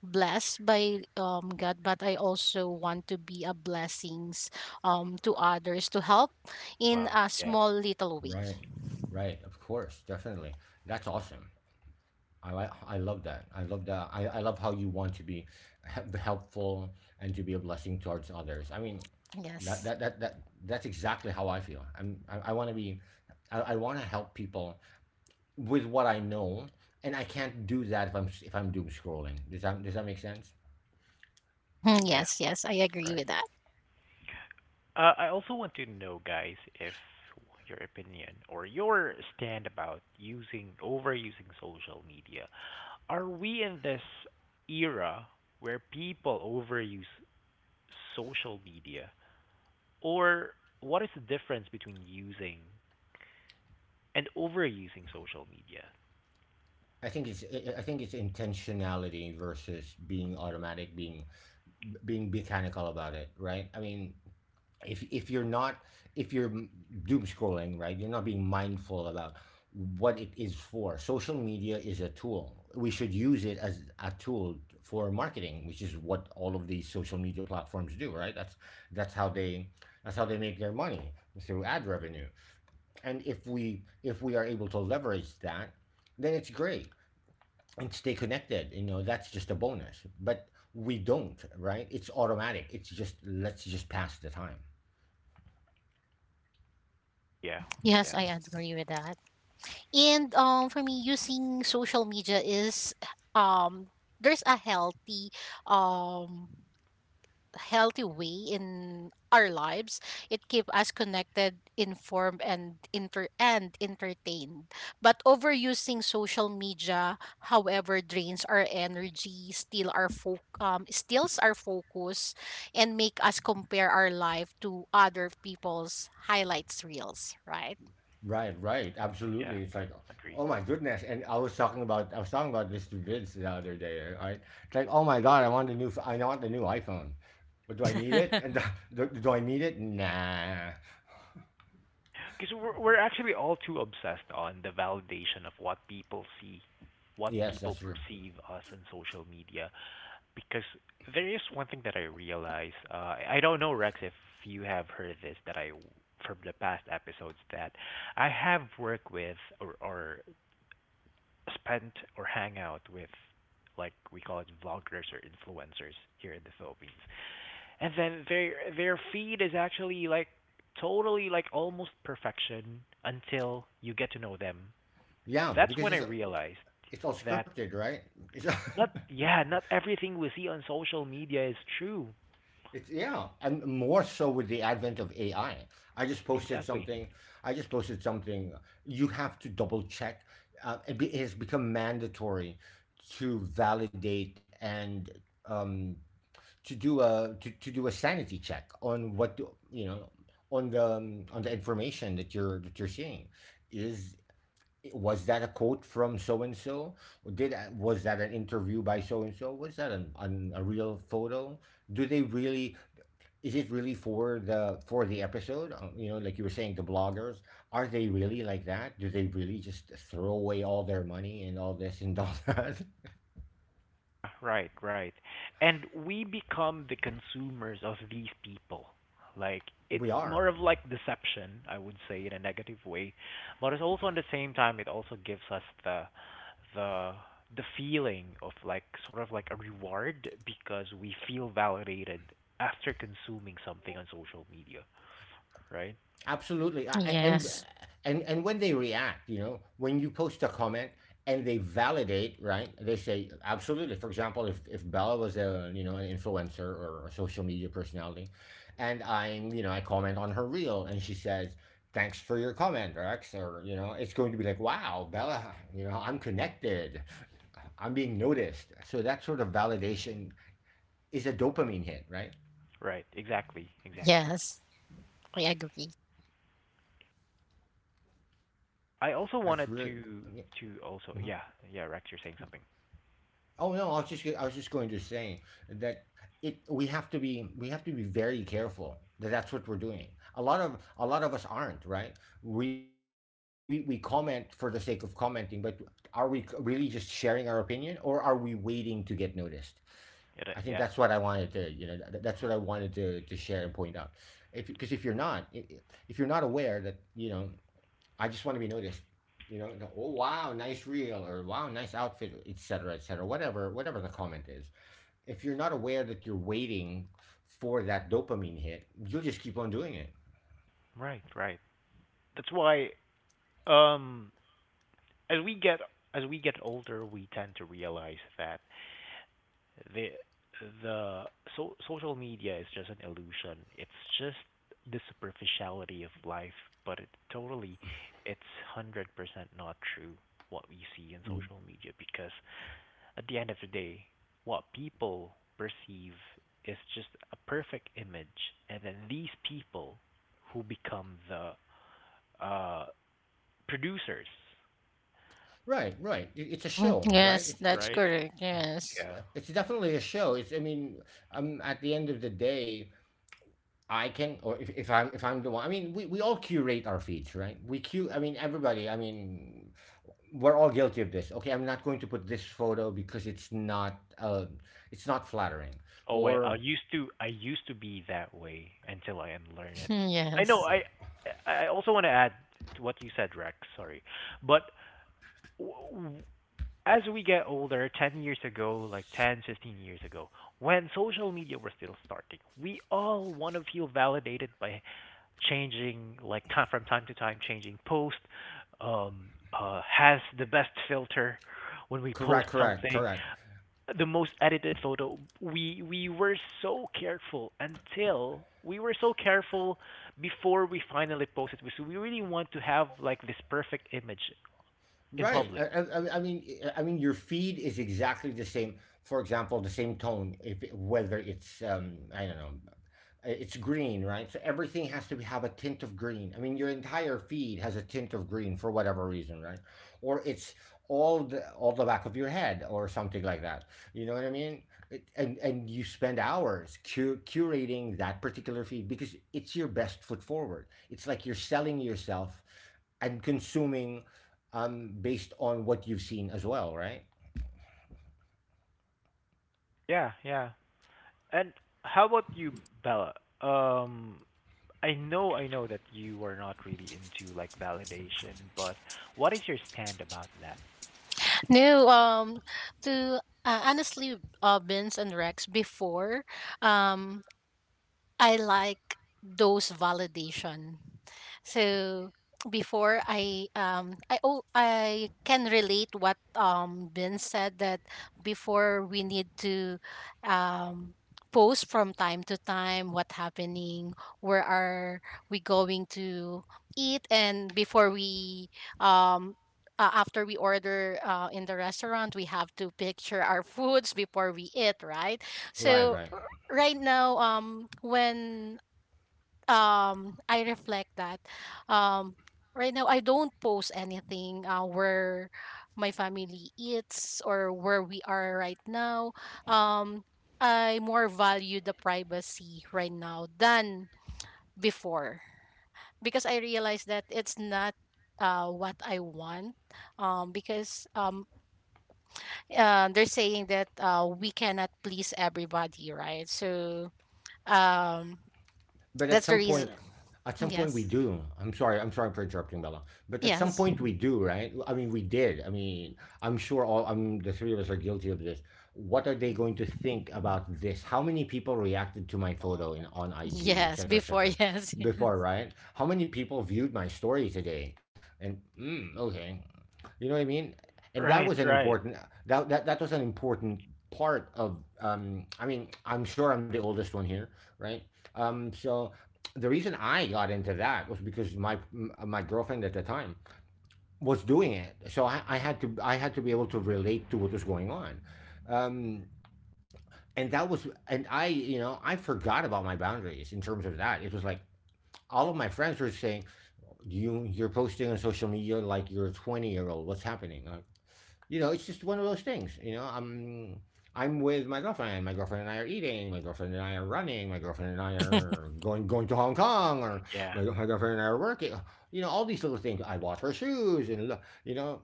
[SPEAKER 3] blessed by, God, but I also want to be a blessings, to others, to help in
[SPEAKER 1] Wow.
[SPEAKER 3] a
[SPEAKER 1] Yeah.
[SPEAKER 3] small little way.
[SPEAKER 2] Right. Right. Of course. Definitely. That's awesome. I love that. I love that. I love how you want to be helpful and to be a blessing towards others. I mean, that
[SPEAKER 3] Yes.
[SPEAKER 2] that that, that that's exactly how I feel. I want to be I want to help people with what I know, and I can't do that if if I'm doom scrolling. Does that make sense?
[SPEAKER 3] Mhm,
[SPEAKER 1] Yeah.
[SPEAKER 3] Yes, yes, I agree
[SPEAKER 1] Right.
[SPEAKER 3] with that.
[SPEAKER 1] I also want to know, guys, if your opinion or your stand about using overusing social media. Are we in this era where people overuse social media, or what is the difference between using and overusing social media?
[SPEAKER 2] I think it's intentionality versus being automatic, being being mechanical about it, right? I mean, if you're not if you're doom scrolling, right? You're not being mindful about what it is. For social media is a tool, we should use it as a tool for marketing, which is what all of these social media platforms do, right? That's how they that's how they make their money through ad revenue. And if we are able to leverage that, then it's great, and stay connected, you know, that's just a bonus. But we don't, right? It's automatic. It's just let's just pass the time.
[SPEAKER 1] Yeah.
[SPEAKER 3] Yes,
[SPEAKER 1] Yeah.
[SPEAKER 3] I agree with that. And for me, using social media is, um, there's a healthy, um healthy way in our lives. It keep us connected, informed, and inter and entertained, but overusing social media however drains our energy, steals our focus, and make us compare our life to other people's highlights reels, right?
[SPEAKER 2] Right, right,
[SPEAKER 1] Yeah.
[SPEAKER 2] absolutely. It's like,
[SPEAKER 1] Agree.
[SPEAKER 2] oh my goodness. And I was talking about this to Vince the other day, right? It's like, oh my God, I want the I want the new iPhone. But do I need it? And do I need it? Nah.
[SPEAKER 1] Because we're actually all too obsessed on the validation of what people see, what
[SPEAKER 2] Yes,
[SPEAKER 1] people
[SPEAKER 2] that's true.
[SPEAKER 1] perceive us in social media. Because there is one thing that I realize. I don't know, Rex, if you have heard this, that I, from the past episodes, that I have worked with or spent or hang out with, like we call it vloggers or influencers here in the Philippines, and then their feed is actually like totally like almost perfection until you get to know them.
[SPEAKER 2] Yeah,
[SPEAKER 1] That's when
[SPEAKER 2] because
[SPEAKER 1] I realized
[SPEAKER 2] it's all
[SPEAKER 1] that,
[SPEAKER 2] scripted, right? It's
[SPEAKER 1] not, yeah, not everything we see on social media is true.
[SPEAKER 2] It's yeah, and more so with the advent of AI. I just posted
[SPEAKER 1] Exactly.
[SPEAKER 2] something. I just posted something. You have to double check. It has become mandatory to validate and um, to do a to do a sanity check on what do, you know on the information that you're seeing. Is was that a quote from so and so? Did was that an interview by so and so? Was that a real photo? Do they really is it really for the episode. You know, like you were saying, the bloggers are they really like that? Do they really just throw away all their money and all this and all that
[SPEAKER 1] Right, right. And we become the consumers of these people. Like
[SPEAKER 2] we
[SPEAKER 1] it's
[SPEAKER 2] are.
[SPEAKER 1] more of like deception, I would say, in a negative way. But it's also at the same time it also gives us the, the the feeling of like sort of like a reward because we feel validated after consuming something on social media, right?
[SPEAKER 2] Absolutely,
[SPEAKER 3] Yes.
[SPEAKER 2] and when they react, you know, when you post a comment and they validate, right? They say absolutely. For example, if Bella was a, you know, an influencer or a social media personality, and I'm, you know, I comment on her reel, and she says, thanks for your comment, Rex. Or, you know, it's going to be like, wow, Bella. You know, I'm connected. I'm being noticed. So that sort of validation is a dopamine hit, right?
[SPEAKER 1] Right, exactly, exactly.
[SPEAKER 3] Yes, I agree.
[SPEAKER 1] I also
[SPEAKER 2] That's
[SPEAKER 1] wanted
[SPEAKER 2] really.
[SPEAKER 1] to also, yeah, yeah, Rex, you're saying something.
[SPEAKER 2] Oh no, I was just going to say that it we have to be we have to be very careful that that's what we're doing. A lot of us aren't, right? We comment for the sake of commenting, but are really just sharing our opinion or are we waiting to get noticed? I think
[SPEAKER 1] It,
[SPEAKER 2] that's what I
[SPEAKER 1] yeah.
[SPEAKER 2] wanted to, you know, that's what I wanted to share and point out. If because if you're not if you're not aware that, you know, I just want to be noticed. You know, the, oh wow, nice reel, or wow, nice outfit, etc., etc. Whatever, whatever the comment is. If you're not aware that you're waiting for that dopamine hit, you'll just keep on doing it.
[SPEAKER 1] Right, right. That's why, Um, as we get as we get older, we tend to realize that the the social media is just an illusion. It's just the superficiality of life, but it totally, it's 100% not true what we see in
[SPEAKER 2] Yeah.
[SPEAKER 1] social media because at the end of the day, what people perceive is just a perfect image, and then these people who become the uh producers,
[SPEAKER 2] Right, right. It- It's a
[SPEAKER 3] Mhm.
[SPEAKER 2] show, right?
[SPEAKER 3] Yes, that's
[SPEAKER 1] right?
[SPEAKER 3] correct, yes.
[SPEAKER 1] Yeah.
[SPEAKER 2] It's definitely a show. It's I mean, at the end of the day, I can. Or if I'm the one. I mean, we all curate our feeds, right? We cu. I mean, everybody. I mean, we're all guilty of this. Okay, I'm not going to put this photo because it's not flattering.
[SPEAKER 1] Oh, I, I
[SPEAKER 2] Or
[SPEAKER 1] used to I used to be that way until I unlearn it. I know
[SPEAKER 3] Yes.
[SPEAKER 1] I also want to add to what you said, Rex. Sorry, but w- w- as we get older, 10 years ago, like 10, 15 years ago, when social media was still starting, we all want to feel validated by changing like time from time to time changing post um has the best filter when we post
[SPEAKER 2] correct, correct,
[SPEAKER 1] something
[SPEAKER 2] correct.
[SPEAKER 1] the most edited photo. We were so careful until we were so careful before we finally posted. So we really want to have like this perfect image in
[SPEAKER 2] Right. I,
[SPEAKER 1] public.
[SPEAKER 2] I, I mean, I mean, your feed is exactly the same. For example, the same tone. If whether it's I don't know, it's green, right? So everything has to have a tint of green. I mean, your entire feed has a tint of green for whatever reason, right? Or it's all the back of your head or something like that. You know what I mean? It, and you spend hours curating that particular feed because it's your best foot forward. It's like you're selling yourself and consuming based on what you've seen as well, right?
[SPEAKER 1] Yeah, yeah. And how about you, Bella? Um, I know that you are not really into like validation, but what is your stand about that?
[SPEAKER 3] No, to honestly, Vince and Rex, before, um, I like those validation. So before I oh, I can relate what Ben said, that before we need to um post from time to time what happening, where are we going to eat, and before we um after we order in the restaurant we have to picture our foods before we eat, right?
[SPEAKER 2] Right,
[SPEAKER 3] So
[SPEAKER 2] right.
[SPEAKER 3] right now, when I reflect that, um right now I don't post anything where my family eats or where we are right now. um I more value the privacy right now than before, because I realize that it's not what I want, because they're saying that we cannot please everybody, right? So um
[SPEAKER 2] But
[SPEAKER 3] that's the reason.
[SPEAKER 2] at some point we
[SPEAKER 3] Yes.
[SPEAKER 2] do. I'm sorry. I'm sorry for interrupting, Bella. But at some
[SPEAKER 3] Yes.
[SPEAKER 2] point we do, right? I mean, we did. I mean, I'm sure all. I'm the three of us are guilty of this. What are they going to think about this? How many people reacted to my
[SPEAKER 3] Mm,
[SPEAKER 2] photo in on IG,
[SPEAKER 3] Yes.
[SPEAKER 2] etc., cetera, etc.
[SPEAKER 3] Before,
[SPEAKER 2] Cetera?
[SPEAKER 3] yes.
[SPEAKER 2] Before, right? How many people viewed my story today? And mm, okay, you know what I mean. And that was
[SPEAKER 1] Right,
[SPEAKER 2] an
[SPEAKER 1] right.
[SPEAKER 2] important that was an important part of. I mean, I'm sure I'm the oldest one here, right? So the reason I got into that was because my girlfriend at the time was doing it, so I had to be able to relate to what was going on. Um, and that was. And I, you know, I forgot about my boundaries in terms of that. It was like all of my friends were saying you you're posting on social media like you're a 20-year old. What's happening? Like, you know, it's just one of those things. You know, I'm with my girlfriend. My girlfriend and I are eating. My girlfriend and I are running. My girlfriend and I
[SPEAKER 3] Yes.
[SPEAKER 2] are going going to Hong Kong. Or
[SPEAKER 1] Yeah,
[SPEAKER 2] my girlfriend and I are working. You know, all these little things, I bought her shoes and you know,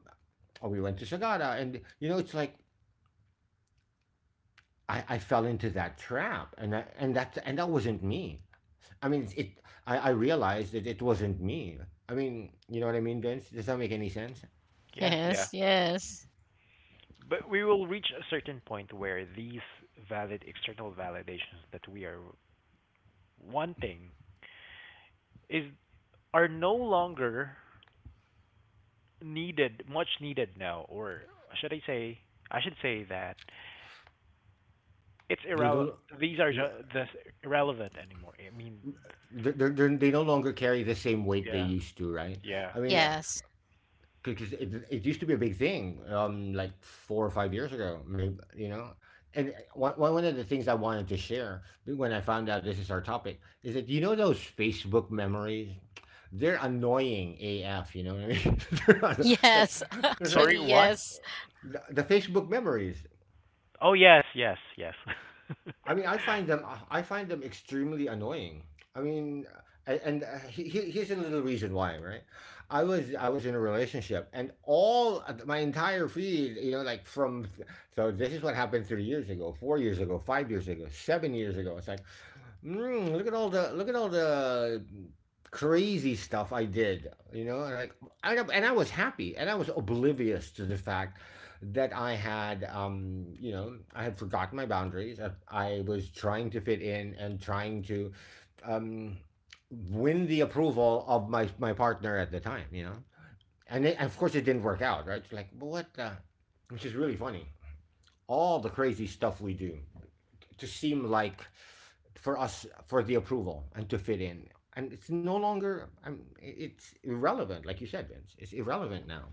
[SPEAKER 2] we went to Sagada, and you know it's like I fell into that trap. And I, and that wasn't me. I mean it I realized that it wasn't me. I mean, you know what I mean, Vince? Does that make any sense?
[SPEAKER 1] yeah, yeah.
[SPEAKER 3] Yes. Yes.
[SPEAKER 1] But we will reach a certain point where these valid external validations that we are wanting is are no longer needed, much needed now, or should I say, I should say that it's
[SPEAKER 2] They
[SPEAKER 1] irrelevant.
[SPEAKER 2] don't.
[SPEAKER 1] These are just irrelevant anymore. I mean,
[SPEAKER 2] They no longer carry the same weight they
[SPEAKER 1] yeah,
[SPEAKER 2] used to, right?
[SPEAKER 1] yeah,
[SPEAKER 2] I mean,
[SPEAKER 1] yeah.
[SPEAKER 3] Yes.
[SPEAKER 2] because it used to be a big thing, like 4 or 5 years ago, maybe, you know. And one of the things I wanted to share when I found out this is our topic is that you know those Facebook memories, they're annoying AF. You know what I mean? They're
[SPEAKER 3] Yes.
[SPEAKER 2] it's like
[SPEAKER 3] Actually,
[SPEAKER 1] Sorry, what?
[SPEAKER 3] yes.
[SPEAKER 2] the Facebook memories.
[SPEAKER 1] Oh, yes, yes, yes.
[SPEAKER 2] I mean, I find them. I find them extremely annoying. I mean, and here's a little reason why, right? I was in a relationship, and all my entire feed, you know, like from so this is what happened 3 years ago, 4 years ago, 5 years ago, 7 years ago. It's like mm, look at all the look at all the crazy stuff I did. You know, and like and I was happy, and I was oblivious to the fact that I had, you know, I had forgotten my boundaries. I was trying to fit in and trying to um, win the approval of my my partner at the time. You know, it, of course it didn't work out. Right? It's like, what? Which is really funny. All the crazy stuff we do to seem like for us for the approval and to fit in. And it's no longer it's irrelevant, like you said, Vince. It's irrelevant now.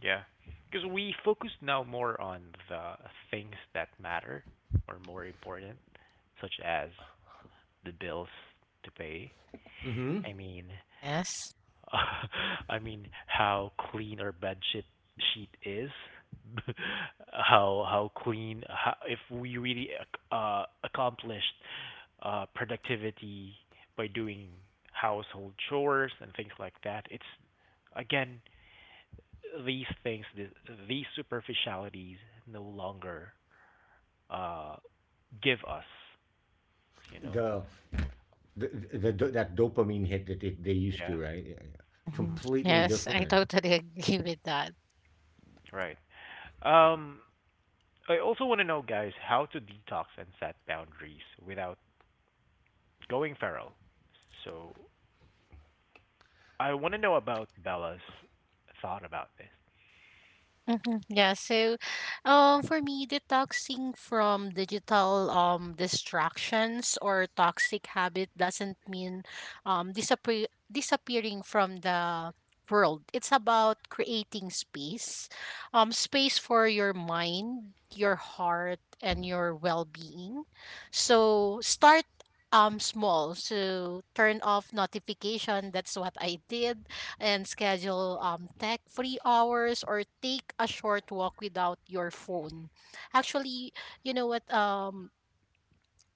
[SPEAKER 1] Yeah. Because we focus now more on the things that matter or more important, such as the bills to pay.
[SPEAKER 2] Mm-hmm.
[SPEAKER 1] I mean,
[SPEAKER 3] Yes.
[SPEAKER 1] how clean our bed sheet is, how clean, how, if we really accomplished productivity by doing household chores and things like that. It's again these things, these superficialities, no longer uh, give us, you know.
[SPEAKER 2] The, the that dopamine hit that they used
[SPEAKER 1] Yeah.
[SPEAKER 2] to, right? Yeah, yeah.
[SPEAKER 3] Hmm.
[SPEAKER 1] Hmm.
[SPEAKER 2] Completely
[SPEAKER 3] Yes. I
[SPEAKER 2] different
[SPEAKER 3] totally agree with that.
[SPEAKER 1] Right. Um, I also want to know, guys, how to detox and set boundaries without going feral. So I want to know about Bella's thought about this.
[SPEAKER 3] Hmm. Yeah, so for me, detoxing from digital, distractions or toxic habit doesn't mean, disappearing from the world. It's about creating space, space for your mind, your heart, and your well-being. So start small. So turn off notification. That's what I did, and schedule, tech free hours, or take a short walk without your phone. Actually, you know what?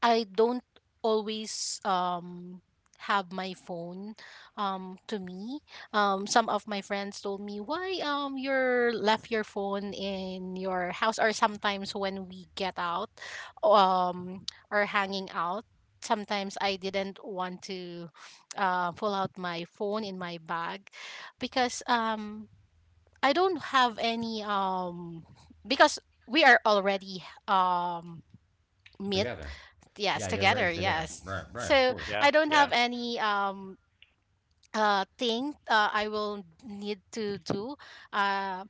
[SPEAKER 3] I don't always have my phone to me. Some of my friends told me why you're left your phone in your house, or sometimes when we get out um or hanging out, sometimes I didn't want to pull out my phone in my bag, because I don't have any because we are already meet,
[SPEAKER 2] together.
[SPEAKER 3] yes,
[SPEAKER 2] Yeah, you're
[SPEAKER 3] together,
[SPEAKER 2] ready together.
[SPEAKER 3] yes.
[SPEAKER 2] Right, right, of
[SPEAKER 3] So
[SPEAKER 2] course.
[SPEAKER 1] Yeah,
[SPEAKER 3] I don't have
[SPEAKER 1] yeah,
[SPEAKER 3] any thing I will need to do. uh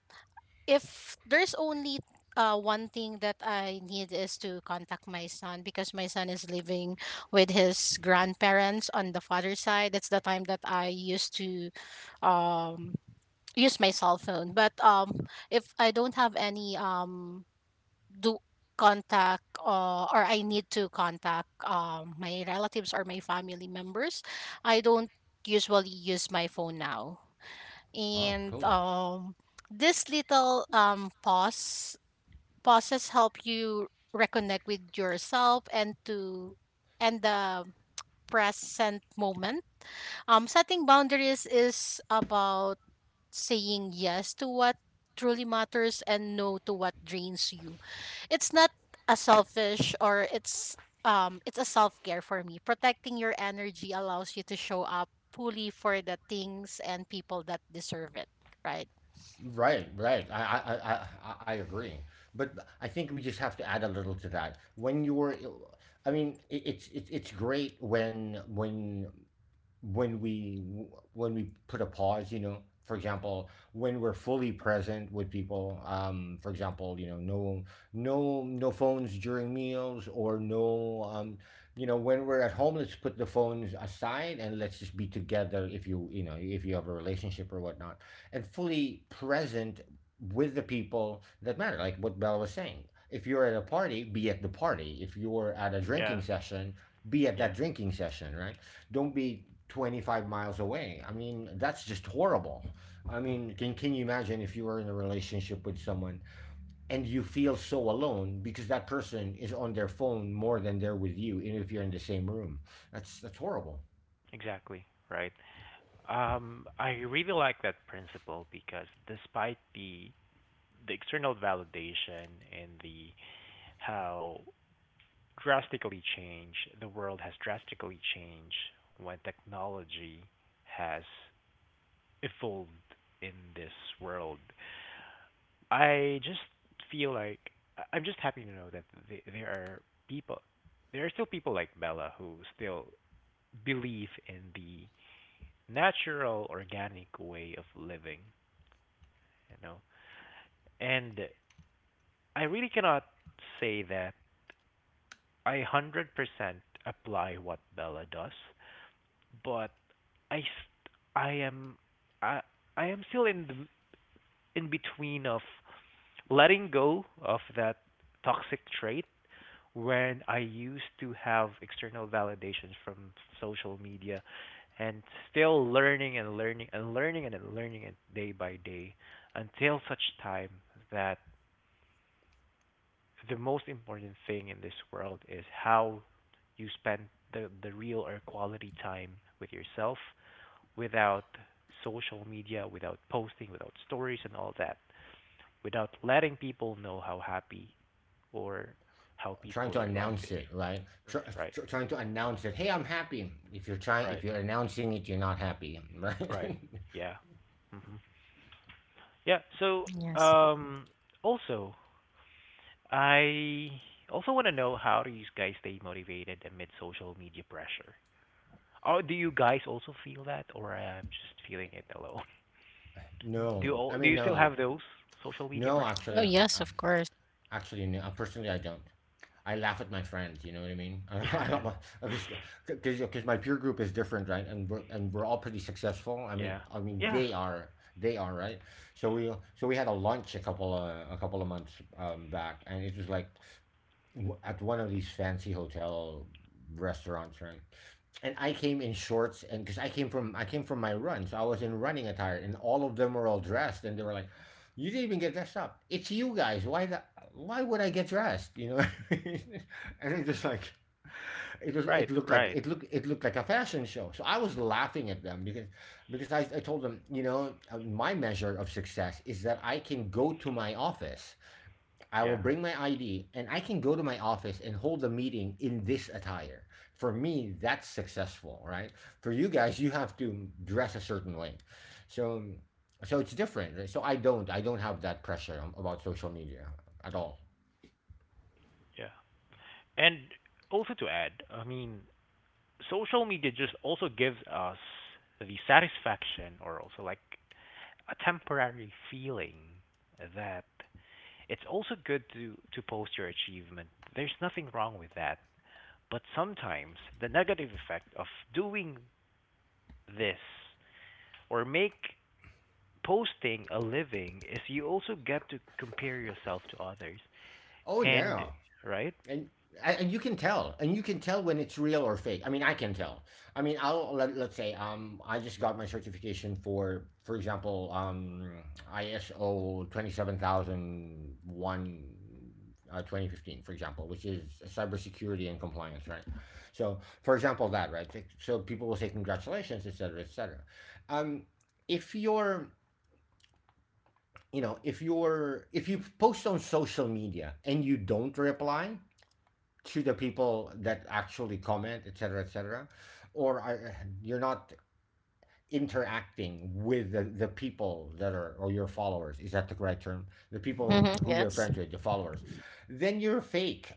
[SPEAKER 3] if there's only one thing that I need, is to contact my son, because my son is living with his grandparents on the father's side. That's the time that I used to um use my cell phone. But if I don't have any do contact, or I need to contact, my relatives or my family members, I don't usually use my phone now.
[SPEAKER 2] Oh,
[SPEAKER 3] And
[SPEAKER 2] cool.
[SPEAKER 3] this little, pauses help you reconnect with yourself and to and the present moment. Setting boundaries is about saying yes to what truly matters and no to what drains you. It's not a selfish, or it's a self-care for me. Protecting your energy allows you to show up fully for the things and people that deserve it, right?
[SPEAKER 2] Right, right. I I agree. But I think we just have to add a little to that. When you were, I mean, it's it's great when when we when we put a pause, you know, for example, when we're fully present with people, um, for example, you know, no no no phones during meals, or no um, you know, when we're at home, let's put the phones aside and let's just be together. If you, you know, if you have a relationship or whatnot, and fully present with the people that matter, like what Bella was saying, if you're at a party, be at the party. If you're at a drinking
[SPEAKER 1] Yeah,
[SPEAKER 2] session, be at that
[SPEAKER 1] yeah,
[SPEAKER 2] drinking session, right? Don't be 25 miles away. I mean, that's just horrible. I mean, can you imagine if you were in a relationship with someone and you feel so alone because that person is on their phone more than they're with you, even if you're in the same room? That's horrible.
[SPEAKER 1] exactly, right. I really like that principle because despite the external validation and the how drastically change the world has drastically changed when technology has evolved in this world I just feel like I'm just happy to know that there are people, there are still people like Bella who still believe in the natural, organic way of living, you know. And I really cannot say that I 100% apply what Bella does, but I st- I am I I am still in in between of letting go of that toxic trait when I used to have external validations from social media and still learning and learning and learning and learning it day by day until such time that the most important thing in this world is how you spend the real or quality time with yourself without social media, without posting, without stories and all that, without letting people know how happy or how
[SPEAKER 2] Trying
[SPEAKER 1] peaceful
[SPEAKER 2] to
[SPEAKER 1] your life
[SPEAKER 2] announce
[SPEAKER 1] is.
[SPEAKER 2] it, right?
[SPEAKER 1] Right,
[SPEAKER 2] Trying to announce it. Hey, I'm happy. If
[SPEAKER 1] right,
[SPEAKER 2] you're announcing it, you're not happy, right?
[SPEAKER 1] right. Yeah. Hmm. Yeah. So,
[SPEAKER 3] Yes.
[SPEAKER 1] um, also, I also want to know, how do you guys stay motivated amid social media pressure? Or do you guys also feel that, or I'm just feeling it alone? Do
[SPEAKER 2] No,
[SPEAKER 1] you
[SPEAKER 2] I
[SPEAKER 1] all, do
[SPEAKER 2] mean,
[SPEAKER 1] you still
[SPEAKER 2] no,
[SPEAKER 1] have those social media
[SPEAKER 2] no.
[SPEAKER 1] pressure?
[SPEAKER 3] Oh, yes, of course.
[SPEAKER 2] No. Personally, I don't. I laugh at my friends. You know what I mean? I don't. I just because my peer group is different, right? And we're all pretty successful. I mean,
[SPEAKER 1] Yeah.
[SPEAKER 2] I mean
[SPEAKER 1] Yeah.
[SPEAKER 2] they are, right. So we had a lunch a couple of months back, and it was like at one of these fancy hotel restaurants, right? And I came in shorts, and because I came from my run, so I was in running attire, and all of them were all dressed, and they were like, "You didn't even get dressed up. It's you guys. Why the— why would I get dressed? You know?" And it just like it was.
[SPEAKER 1] Right.
[SPEAKER 2] It looked like
[SPEAKER 1] Right.
[SPEAKER 2] it looked it looked like a fashion show. So I was laughing at them because I told them, you know, my measure of success is that I can go to my office I will
[SPEAKER 1] Yeah.
[SPEAKER 2] bring my ID and I can go to my office and hold a meeting in this attire. For me, that's successful, right? For you guys, you have to dress a certain way. So so it's different. Right? So I don't have that pressure about social media at all.
[SPEAKER 1] Yeah. And also to add, I mean, social media just also gives us the satisfaction or also like a temporary feeling that it's also good to post your achievement. There's nothing wrong with that. But sometimes the negative effect of doing this or make posting a living is you also get to compare yourself to others.
[SPEAKER 2] Oh
[SPEAKER 1] And
[SPEAKER 2] yeah.
[SPEAKER 1] right?
[SPEAKER 2] and and you can tell, when it's real or fake. I mean, I can tell. I mean, I'll let, let's say, I just got my certification for example, ISO 27001 2015, for example, which is cybersecurity and compliance, right? So for example that, right? So people will say, congratulations, etc., etc. um if you're— you know, if you post on social media and you don't reply to the people that actually comment, etc., etc., or are, you're not interacting with the people that are, or your followers, is that the correct term, the people
[SPEAKER 3] Mm-hmm.
[SPEAKER 2] who you're
[SPEAKER 3] Yes.
[SPEAKER 2] friends with, the followers, then you're fake,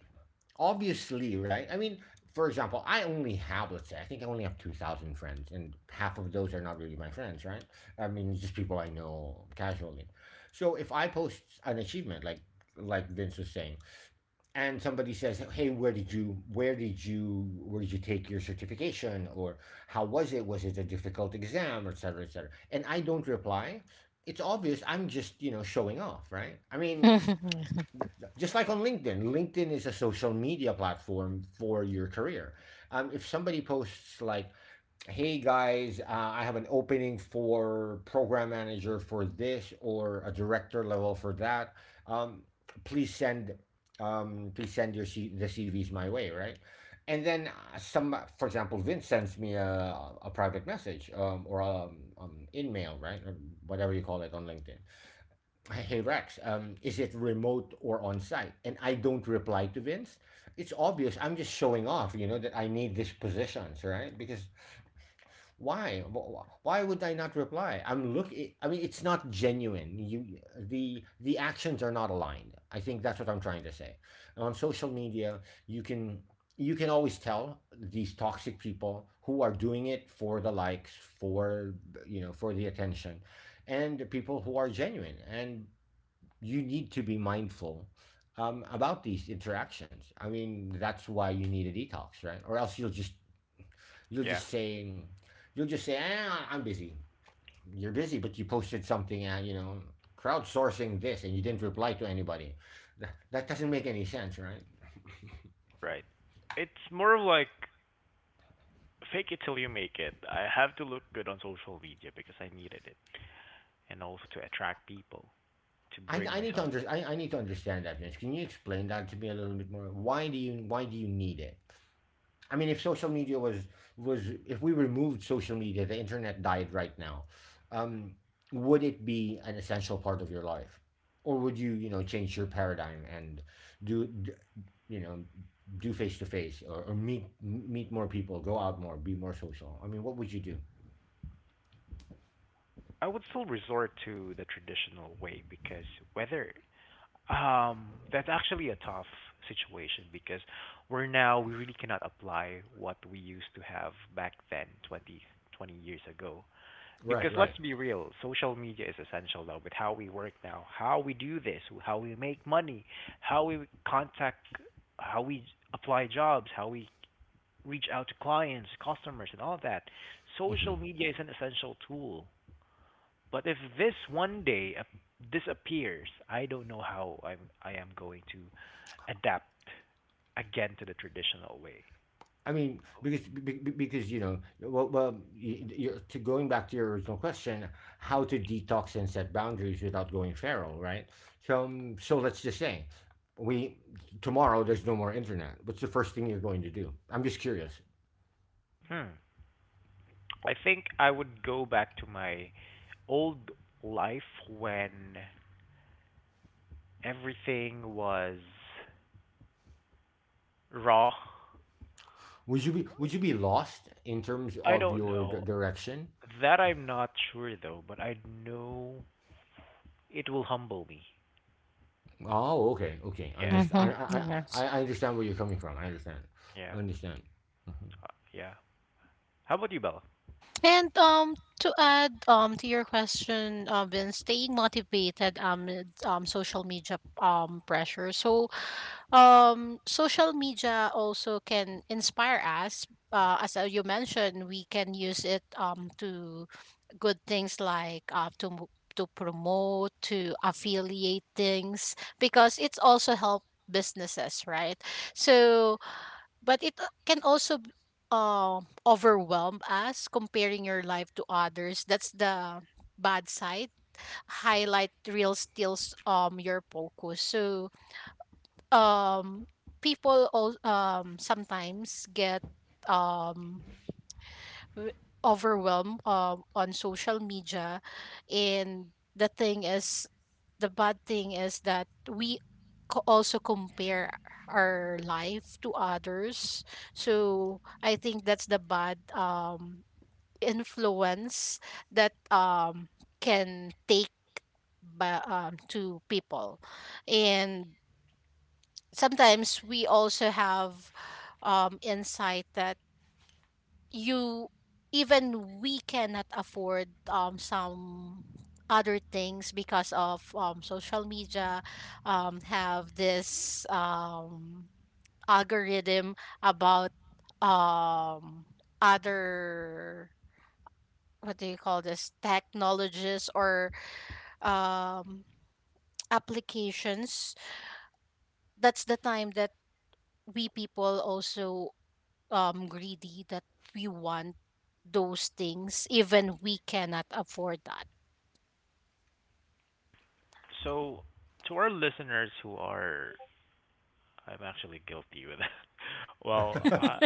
[SPEAKER 2] obviously, right? I mean, for example, I only have, let's say, I think I only have 2000 friends, and half of those are not really my friends, right? I mean, just people I know casually. So if I post an achievement, like Vince was saying, and somebody says, "Hey, where did you— where did you take your certification, or how was it? Was it a difficult exam, et cetera, et cetera?" And I don't reply. It's obvious I'm just, you know, showing off, right? I mean, just like on LinkedIn. LinkedIn is a social media platform for your career. If somebody posts like, hey guys, I have an opening for program manager for this, or a director level for that. Um, please send, Please send your C- the CVs my way, right? And then some, for example, Vince sends me a private message, or in mail, right, or whatever you call it on LinkedIn. Hey, Rex, is it remote or on site? And I don't reply to Vince. It's obvious. I'm just showing off, you know, that I need these positions, right? Because why why would I not reply? I'm looking. I mean, it's not genuine. You The actions are not aligned. I think that's what I'm trying to say. On social media, you can, always tell these toxic people who are doing it for the likes, for you know for the attention, and the people who are genuine. And you need to be mindful about these interactions. I mean, that's why you need a detox, right? Or else you'll just— you're
[SPEAKER 1] Yeah,
[SPEAKER 2] just saying, you'll just say, ah, I'm busy. You're busy, but you posted something, you know, crowdsourcing this, and you didn't reply to anybody. That doesn't make any sense, right?
[SPEAKER 1] right. It's more of like fake it till you make it. I have to look good on social media because I needed it, and also to attract people, to bring myself up.
[SPEAKER 2] I need to understand that, Vince. Can you explain that to me a little bit more? Why do you need it? I mean, if social media was— if we removed social media, the internet died right now. Um, would it be an essential part of your life, or would you, you know, change your paradigm and do, you know, do face to face, or meet more people, go out more, be more social. I mean, what would you do?
[SPEAKER 1] I would still resort to the traditional way because whether that's actually a tough situation because we really cannot apply what we used to have back then 20 20 years ago. Because
[SPEAKER 2] Right, right.
[SPEAKER 1] let's be real, social media is essential though with how we work now, how we do this, how we make money, how we contact, how we apply jobs, how we reach out to clients, customers, and all that. Social
[SPEAKER 2] Hmm.
[SPEAKER 1] media is an essential tool. But if this one day disappears, I don't know how I am going to adapt again to the traditional way.
[SPEAKER 2] I mean, because because you know, well, well you're— to going back to your original question, how to detox and set boundaries without going feral, right? So um, so let's just say, we tomorrow there's no more internet. What's the first thing you're going to do? I'm just curious.
[SPEAKER 1] Hmm. I think I would go back to my old life when everything was raw.
[SPEAKER 2] Would you be lost in terms
[SPEAKER 1] I
[SPEAKER 2] of
[SPEAKER 1] don't
[SPEAKER 2] your
[SPEAKER 1] know.
[SPEAKER 2] direction?
[SPEAKER 1] That I'm not sure though, but I know it will humble me.
[SPEAKER 2] Oh, okay, okay. I
[SPEAKER 1] Yeah,
[SPEAKER 3] Mm-hmm.
[SPEAKER 2] understand.
[SPEAKER 3] Yes.
[SPEAKER 2] I understand where you're coming from. I understand. I
[SPEAKER 1] yeah,
[SPEAKER 2] understand. Mhm.
[SPEAKER 1] uh, yeah. How about you, Bella?
[SPEAKER 3] And to add to your question, Vince, staying motivated amid social media pressure. So social media also can inspire us, as you mentioned, we can use it to good things, like to promote, to affiliate things because it's also help businesses, right? So but it can also overwhelm us, comparing your life to others. That's the bad side. Highlight real steals your focus. So um people all sometimes get um w- overwhelmed on social media. And the thing is, the bad thing is that we also compare our life to others. So I think that's the bad influence that can take by, to people. And sometimes we also have insight that you, even we cannot afford some other things, because of social media have this algorithm about um, other, what do you call this, technologies or um, applications. That's the time that we people also greedy, that we want those things even we cannot afford that.
[SPEAKER 1] So, to our listeners who are I'm actually guilty with that. Well, I,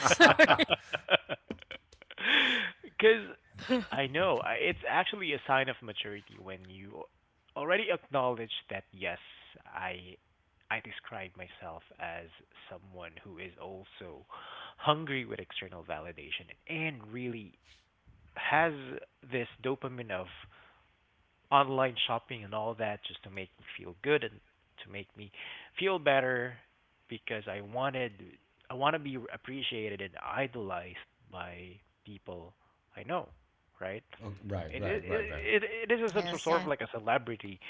[SPEAKER 3] So-
[SPEAKER 1] because I know it's actually a sign of maturity when you already acknowledge that yes, I I describe myself as someone who is also hungry with external validation and really has this dopamine of online shopping and all that just to make me feel good and to make me feel better because I want to be appreciated and idolized by people I know, right?
[SPEAKER 2] Oh, right,
[SPEAKER 1] It
[SPEAKER 2] right,
[SPEAKER 1] it
[SPEAKER 2] right, right.
[SPEAKER 1] it, it it is a some sort
[SPEAKER 3] Yes,
[SPEAKER 1] sort of
[SPEAKER 3] yes.
[SPEAKER 1] like a celebrity,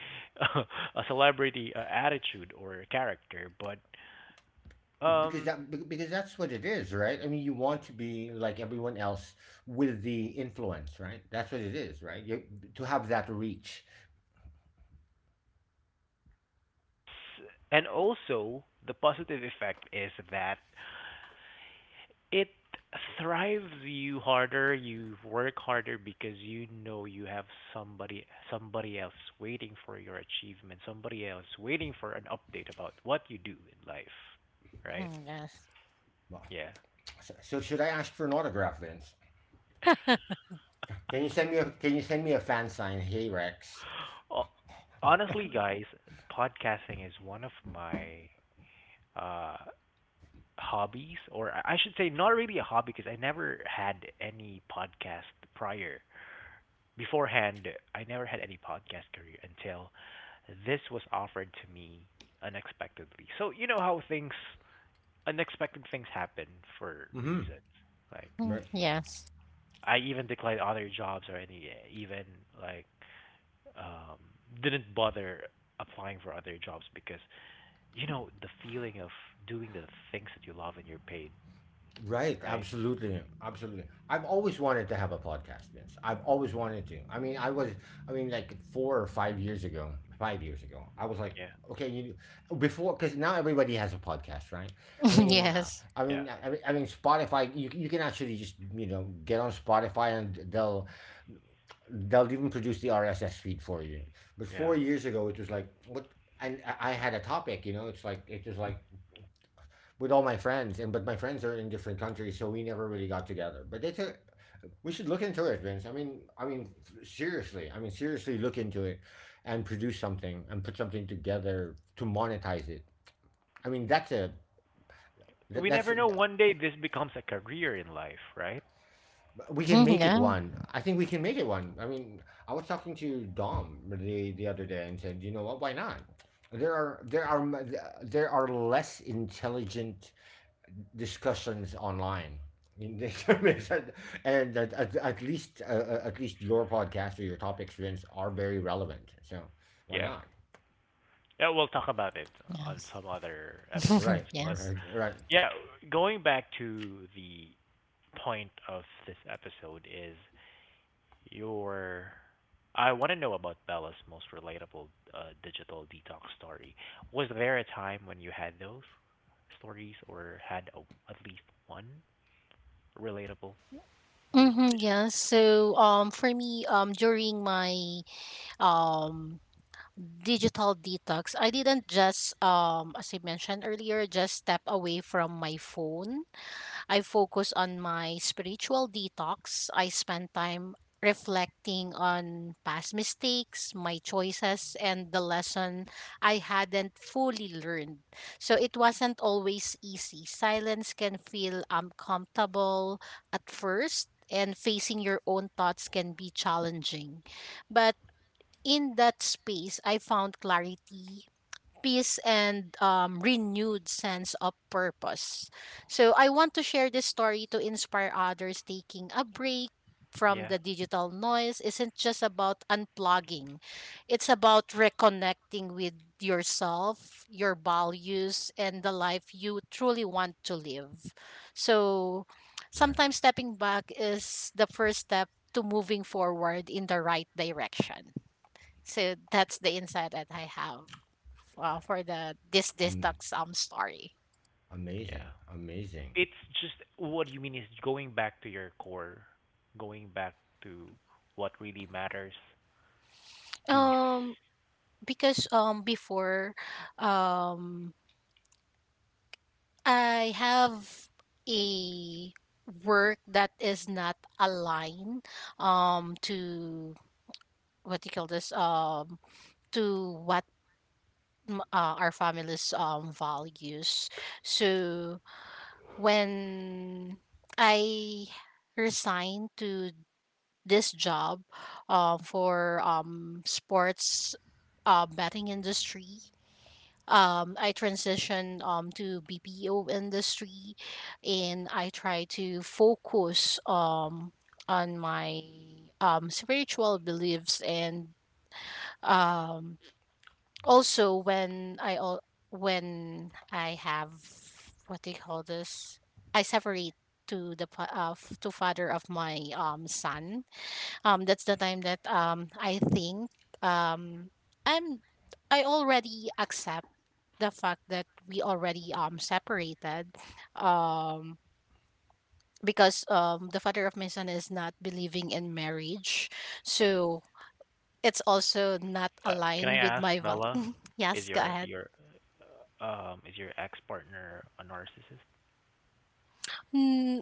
[SPEAKER 1] a celebrity attitude or character, but
[SPEAKER 2] Because
[SPEAKER 1] um,
[SPEAKER 2] that be- because that's what it is, right? I mean, you want to be like everyone else with the influence, right? That's what it is, right? You To have that reach.
[SPEAKER 1] s- and also the positive effect is that it thrives you harder, you work harder because you know you have somebody somebody else waiting for your achievement, somebody else waiting for an update about what you do in life, right?
[SPEAKER 3] Hmm. Yes.
[SPEAKER 2] Well,
[SPEAKER 1] Yeah.
[SPEAKER 2] so, should I ask for an autograph, Vince? Can you send me a fan sign? Hey, Rex.
[SPEAKER 1] Ho- Honestly, guys, podcasting is one of my uh hobbies, or I should say not really a hobby because I never had any podcast prior. Beforehand, I never had any podcast career until this was offered to me unexpectedly. So you know how things unexpected things happen for
[SPEAKER 2] Mm-hmm.
[SPEAKER 1] reasons. Like
[SPEAKER 3] Hmm.
[SPEAKER 2] Right.
[SPEAKER 3] Yes.
[SPEAKER 1] I even declined other jobs or any even like um didn't bother applying for other jobs because you know the feeling of doing the things that you love and you're paid,
[SPEAKER 2] Right,
[SPEAKER 1] right?
[SPEAKER 2] absolutely, absolutely. I've always wanted to have a podcast, Vince. I've always wanted to. I mean, like 4 or 5 years ago, 5 years ago, I was like,
[SPEAKER 1] Yeah.
[SPEAKER 2] okay, you before, because now everybody has a podcast, right? I mean, uh,
[SPEAKER 3] Yes.
[SPEAKER 1] Yeah.
[SPEAKER 2] I mean, Spotify. You can actually just, you know, get on Spotify, and they'll, even produce the RSS feed for you. But four
[SPEAKER 1] Yeah.
[SPEAKER 2] years ago, it was like what, and I had a topic. You know, it's like it was like with all my friends, and but my friends are in different countries, so we never really got together. But it's a— we should look into it, Vince. Seriously, seriously, look into it, and produce something and put something together to monetize it. I mean, that's a—
[SPEAKER 1] We
[SPEAKER 2] that's—
[SPEAKER 1] never know one day this becomes a career in life, right?
[SPEAKER 2] we can
[SPEAKER 3] Hmm.
[SPEAKER 2] make it
[SPEAKER 3] Yeah.
[SPEAKER 2] one. I think we can make it one. I mean, I was talking to Dom the other day, and said, you know what? Why not? There are there are there are less intelligent discussions online. And at least, at least your podcast or your topics, Vince, are very relevant. So why
[SPEAKER 1] Yeah.
[SPEAKER 2] not?
[SPEAKER 1] Yeah, we'll talk about it on
[SPEAKER 3] Yes.
[SPEAKER 1] some other episodes.
[SPEAKER 2] Right,
[SPEAKER 1] But
[SPEAKER 3] Yes.
[SPEAKER 2] right, right,
[SPEAKER 1] yeah, going back to the point of this episode is your. I want to know about Bella's most relatable digital detox story. Was there a time when you had those stories or had a, at least one relatable? Di-
[SPEAKER 3] Hmm. Yes. So for me, during my um digital detox, I didn't just, as I mentioned earlier, just step away from my phone. I focus on my spiritual detox. I spend time reflecting on past mistakes, my choices, and the lesson I hadn't fully learned. So it wasn't always easy. Silence can feel uncomfortable at first, and facing your own thoughts can be challenging. But in that space, I found clarity, peace and renewed sense of purpose. So I want to share this story to inspire others. Taking a break from
[SPEAKER 1] yeah,
[SPEAKER 3] the digital noise isn't just about unplugging. It's about reconnecting with yourself, your values and the life you truly want to live. So
[SPEAKER 2] right.
[SPEAKER 3] sometimes stepping back is the first step to moving forward in the right direction. So that's the insight that I have. Wow, for the this
[SPEAKER 2] Um,
[SPEAKER 3] detox story.
[SPEAKER 1] yeah.
[SPEAKER 2] Amazing, amazing.
[SPEAKER 1] It's just what you mean is going back to your core, going back to what really matters, peace.
[SPEAKER 3] Um, because before, um I have a work that is not aligned to, what you call this, to what our family's values. So when I resigned to this job, for sports betting industry. I transitioned to BPO industry, and I try to focus on my spiritual beliefs. And um, also when when I have, what do you call this? I separate to to father of my son. That's the time that I think, um i'm I already accept the fact that we already separated, um because the father of my son is not believing in marriage. So it's also not
[SPEAKER 1] Can I
[SPEAKER 3] aligned with
[SPEAKER 1] ask,
[SPEAKER 3] my val-
[SPEAKER 1] Bella, is
[SPEAKER 3] Yes, go ahead.
[SPEAKER 1] your is your ex partner a narcissist?
[SPEAKER 3] Mm,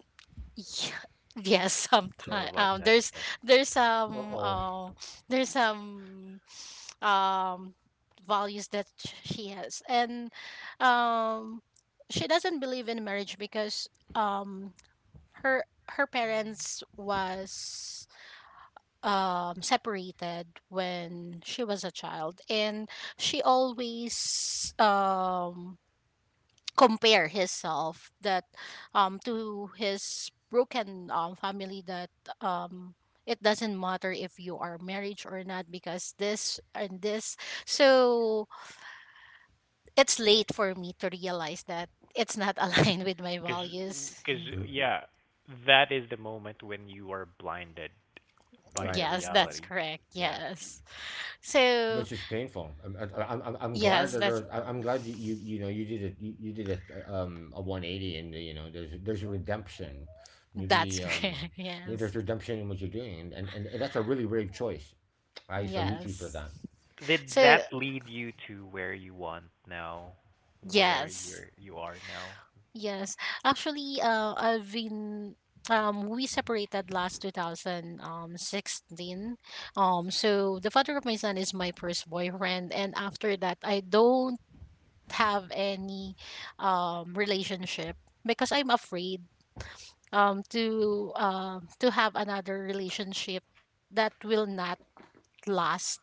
[SPEAKER 3] y- yes, sometimes
[SPEAKER 1] That yeah.
[SPEAKER 3] there's
[SPEAKER 2] Uh
[SPEAKER 3] some
[SPEAKER 2] oh.
[SPEAKER 3] uh, there's some um values that she has, and um she doesn't believe in marriage because um her her parents was separated when she was a child. And she always compare herself that, to his broken family, that um it doesn't matter if you are married or not because this and this. So it's late for me to realize that it's not aligned with my
[SPEAKER 1] cause
[SPEAKER 3] values.
[SPEAKER 1] cause yeah, that is the moment when you are blinded by the
[SPEAKER 2] Right.
[SPEAKER 3] Yes, that's
[SPEAKER 1] reality.
[SPEAKER 3] correct.
[SPEAKER 1] Yeah.
[SPEAKER 3] Yes. So,
[SPEAKER 2] Which is painful. I'm glad
[SPEAKER 3] yes,
[SPEAKER 2] that
[SPEAKER 3] that's
[SPEAKER 2] there's I- I'm
[SPEAKER 3] uh,
[SPEAKER 2] glad you, you, you know you did a— you did a 180, and you know, there's a redemption.
[SPEAKER 3] that's
[SPEAKER 2] maybe um
[SPEAKER 3] correct.
[SPEAKER 2] Maybe there's
[SPEAKER 3] Yes.
[SPEAKER 2] redemption in what you're doing, and that's a really brave choice. I salute you for
[SPEAKER 3] Yes.
[SPEAKER 2] that.
[SPEAKER 1] Did
[SPEAKER 3] So,
[SPEAKER 1] that lead you to where you want now, where
[SPEAKER 3] yes.
[SPEAKER 1] you are now?
[SPEAKER 3] Yes. Actually, I've been we separated last 2016. So the father of my son is my first boyfriend, and after that I don't have any relationship because I'm afraid, to have another relationship that will not last.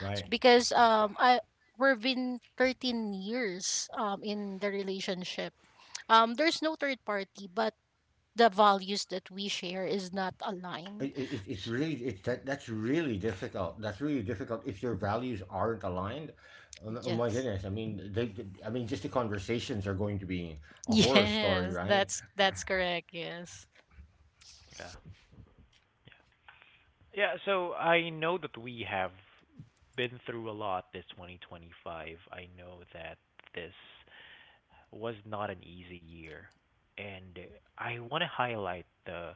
[SPEAKER 2] Right.
[SPEAKER 3] Because I we've been 13 years in the relationship. There's no third party, but the values that we share is not aligned.
[SPEAKER 2] It's really— it's that that's really difficult. That's really difficult if your values aren't aligned. Oh, oh my
[SPEAKER 3] Yes.
[SPEAKER 2] goodness! I mean, they— I mean, just the conversations are going to be a horror story,
[SPEAKER 3] Yes,
[SPEAKER 2] right?
[SPEAKER 3] that's correct. Yes.
[SPEAKER 1] Yeah. Yeah, so I know that we have been through a lot this 2025. I know that this was not an easy year, and I wanna highlight the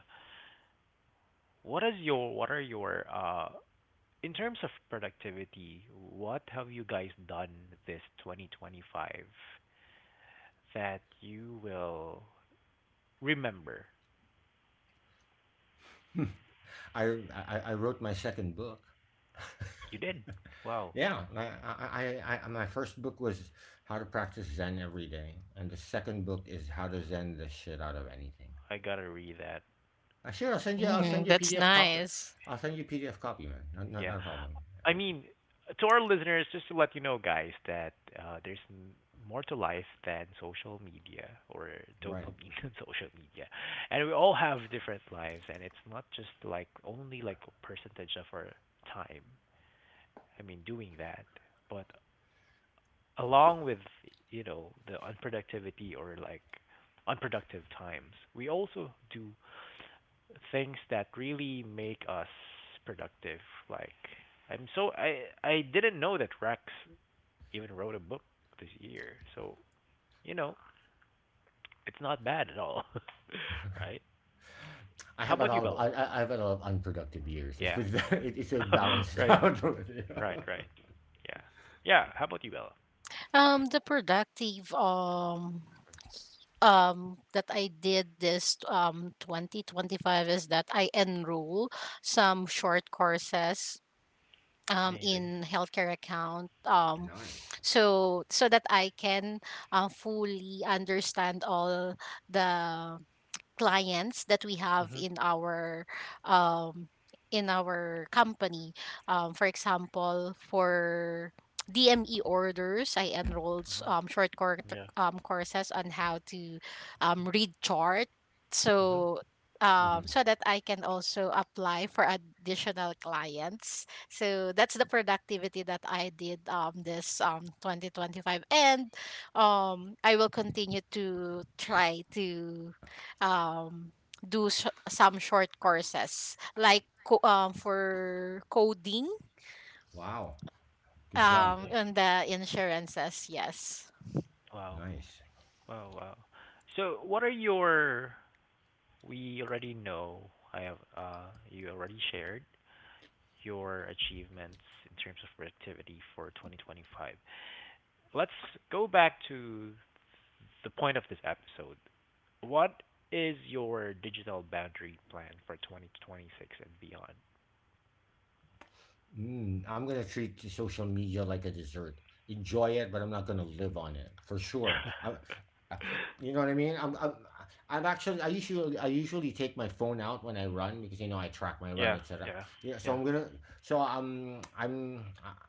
[SPEAKER 1] what is your what are your, in terms of productivity, what have you guys done this 2025 that you will remember?
[SPEAKER 2] I wrote my second book.
[SPEAKER 1] You did. Wow,
[SPEAKER 2] Yeah, I, my first book was How to Practice Zen Every Day, and the second book is How to Zen the Shit Out of Anything.
[SPEAKER 1] I gotta read that.
[SPEAKER 2] Sure, I'll send you. I'll
[SPEAKER 3] Mm,
[SPEAKER 2] send you a
[SPEAKER 3] that's
[SPEAKER 2] PDF copy.
[SPEAKER 3] nice.
[SPEAKER 2] I'll send you a PDF copy, man. No, no,
[SPEAKER 1] Yeah.
[SPEAKER 2] not a problem. Yeah.
[SPEAKER 1] I mean, to our listeners, just to let you know, guys, that there's more to life than social media or
[SPEAKER 2] Right.
[SPEAKER 1] dopamine and social media, and we all have different lives, and it's not just like only like a percentage of our time. I mean, doing that, but along with you know the unproductivity or like unproductive times, we also do things that really make us productive, like I didn't know that Rex even wrote a book this year. So, you know, it's not bad at all, right? How about you,
[SPEAKER 2] I,
[SPEAKER 1] Bella?
[SPEAKER 2] I have a lot of unproductive years.
[SPEAKER 1] Yeah, yeah.
[SPEAKER 2] It, it's a balanced
[SPEAKER 1] right,
[SPEAKER 2] out.
[SPEAKER 1] right. Yeah. Yeah, how about you, Bella?
[SPEAKER 3] The productive that I did this 2025 is that I enroll some short courses
[SPEAKER 1] Amazing.
[SPEAKER 3] in healthcare account.
[SPEAKER 2] Nice.
[SPEAKER 3] So that I can fully understand all the clients that we have
[SPEAKER 1] Mhm.
[SPEAKER 3] um in our company. For example, for DME orders, I enrolled
[SPEAKER 1] Mhm. Yeah.
[SPEAKER 3] courses on how to read chart.
[SPEAKER 1] Mhm.
[SPEAKER 3] So um,
[SPEAKER 2] Mhm.
[SPEAKER 3] so that I can also apply for additional clients. So that's the productivity that I did this 2025. And I will continue to try to um do some short courses, like for coding
[SPEAKER 2] Wow. Good job.
[SPEAKER 1] Amazing.
[SPEAKER 3] and the insurances, yes.
[SPEAKER 1] Wow.
[SPEAKER 2] Nice.
[SPEAKER 1] Wow, wow. So, what are your we already know I have you already shared your achievements in terms of productivity for 2025. Let's go back to the point of this episode. What is your digital boundary plan for 2026 and beyond?
[SPEAKER 2] Mm, I'm gonna treat social media like a dessert. Enjoy it, but I'm not gonna live on it for sure. I- you know what I mean? I'm actually— I usually take my phone out when I run because, you know, I track my run,
[SPEAKER 1] Yeah,
[SPEAKER 2] etc.
[SPEAKER 1] yeah,
[SPEAKER 2] Yeah. So
[SPEAKER 1] yeah,
[SPEAKER 2] I'm gonna— so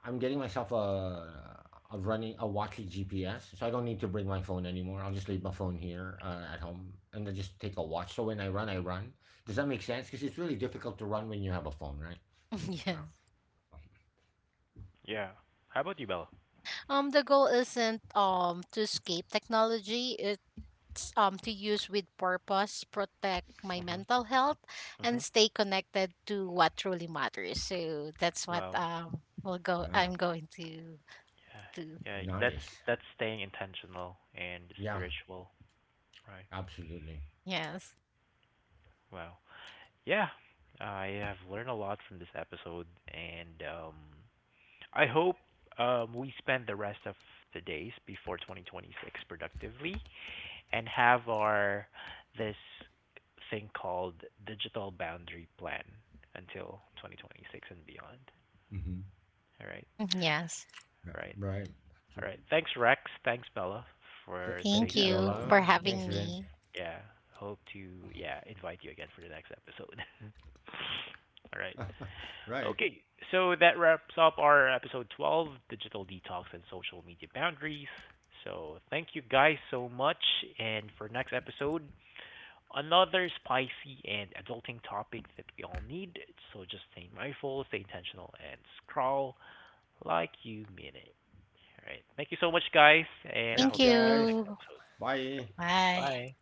[SPEAKER 2] I'm getting myself a a watch with GPS. So I don't need to bring my phone anymore. I'll just leave my phone here at home and then just take a watch. So when I run, I run. Does that make sense? Because it's really difficult to run when you have a phone, right? So.
[SPEAKER 3] Yeah.
[SPEAKER 1] yeah. How about you, Bella?
[SPEAKER 3] The goal isn't to escape technology. It's to use with purpose, protect my
[SPEAKER 1] Mhm,
[SPEAKER 3] mental health and
[SPEAKER 1] mhm.
[SPEAKER 3] stay connected to what truly matters. So that's what,
[SPEAKER 1] Wow.
[SPEAKER 3] we'll go
[SPEAKER 2] Wow.
[SPEAKER 3] I'm going to do.
[SPEAKER 1] Yeah, yeah.
[SPEAKER 2] Nice.
[SPEAKER 1] That's staying intentional and
[SPEAKER 2] Yeah,
[SPEAKER 1] spiritual, right?
[SPEAKER 2] absolutely.
[SPEAKER 3] Yes.
[SPEAKER 1] Wow. Yeah, I have learned a lot from this episode, and I hope we spend the rest of the days before 2026 productively and have our this thing called digital boundary plan until 2026 and beyond.
[SPEAKER 2] Hmm.
[SPEAKER 1] All right,
[SPEAKER 3] Yes.
[SPEAKER 2] Yeah,
[SPEAKER 1] all right,
[SPEAKER 2] right. So,
[SPEAKER 1] all right. Thanks, Rex. Thanks, Bella, for
[SPEAKER 3] Thank
[SPEAKER 2] thank
[SPEAKER 1] today's
[SPEAKER 2] you,
[SPEAKER 3] you
[SPEAKER 1] episode.
[SPEAKER 3] for
[SPEAKER 2] Bella. Thanks,
[SPEAKER 3] having
[SPEAKER 2] Vince.
[SPEAKER 3] me.
[SPEAKER 1] Yeah, hope to yeah invite you again for the next episode. all right.
[SPEAKER 2] Right.
[SPEAKER 1] Okay, so that wraps up our episode 12, digital detox and social media boundaries. So thank you guys so much, and for next episode, another spicy and adulting topic that we all need. So just stay mindful, stay intentional, and scroll like you mean it. All right. Thank you so much, guys, and I
[SPEAKER 2] Thank
[SPEAKER 3] Thank
[SPEAKER 2] you,
[SPEAKER 1] hope to see you in the
[SPEAKER 2] guys.
[SPEAKER 1] next
[SPEAKER 3] you.
[SPEAKER 1] episode.
[SPEAKER 2] Bye.
[SPEAKER 3] 哎，
[SPEAKER 1] Bye.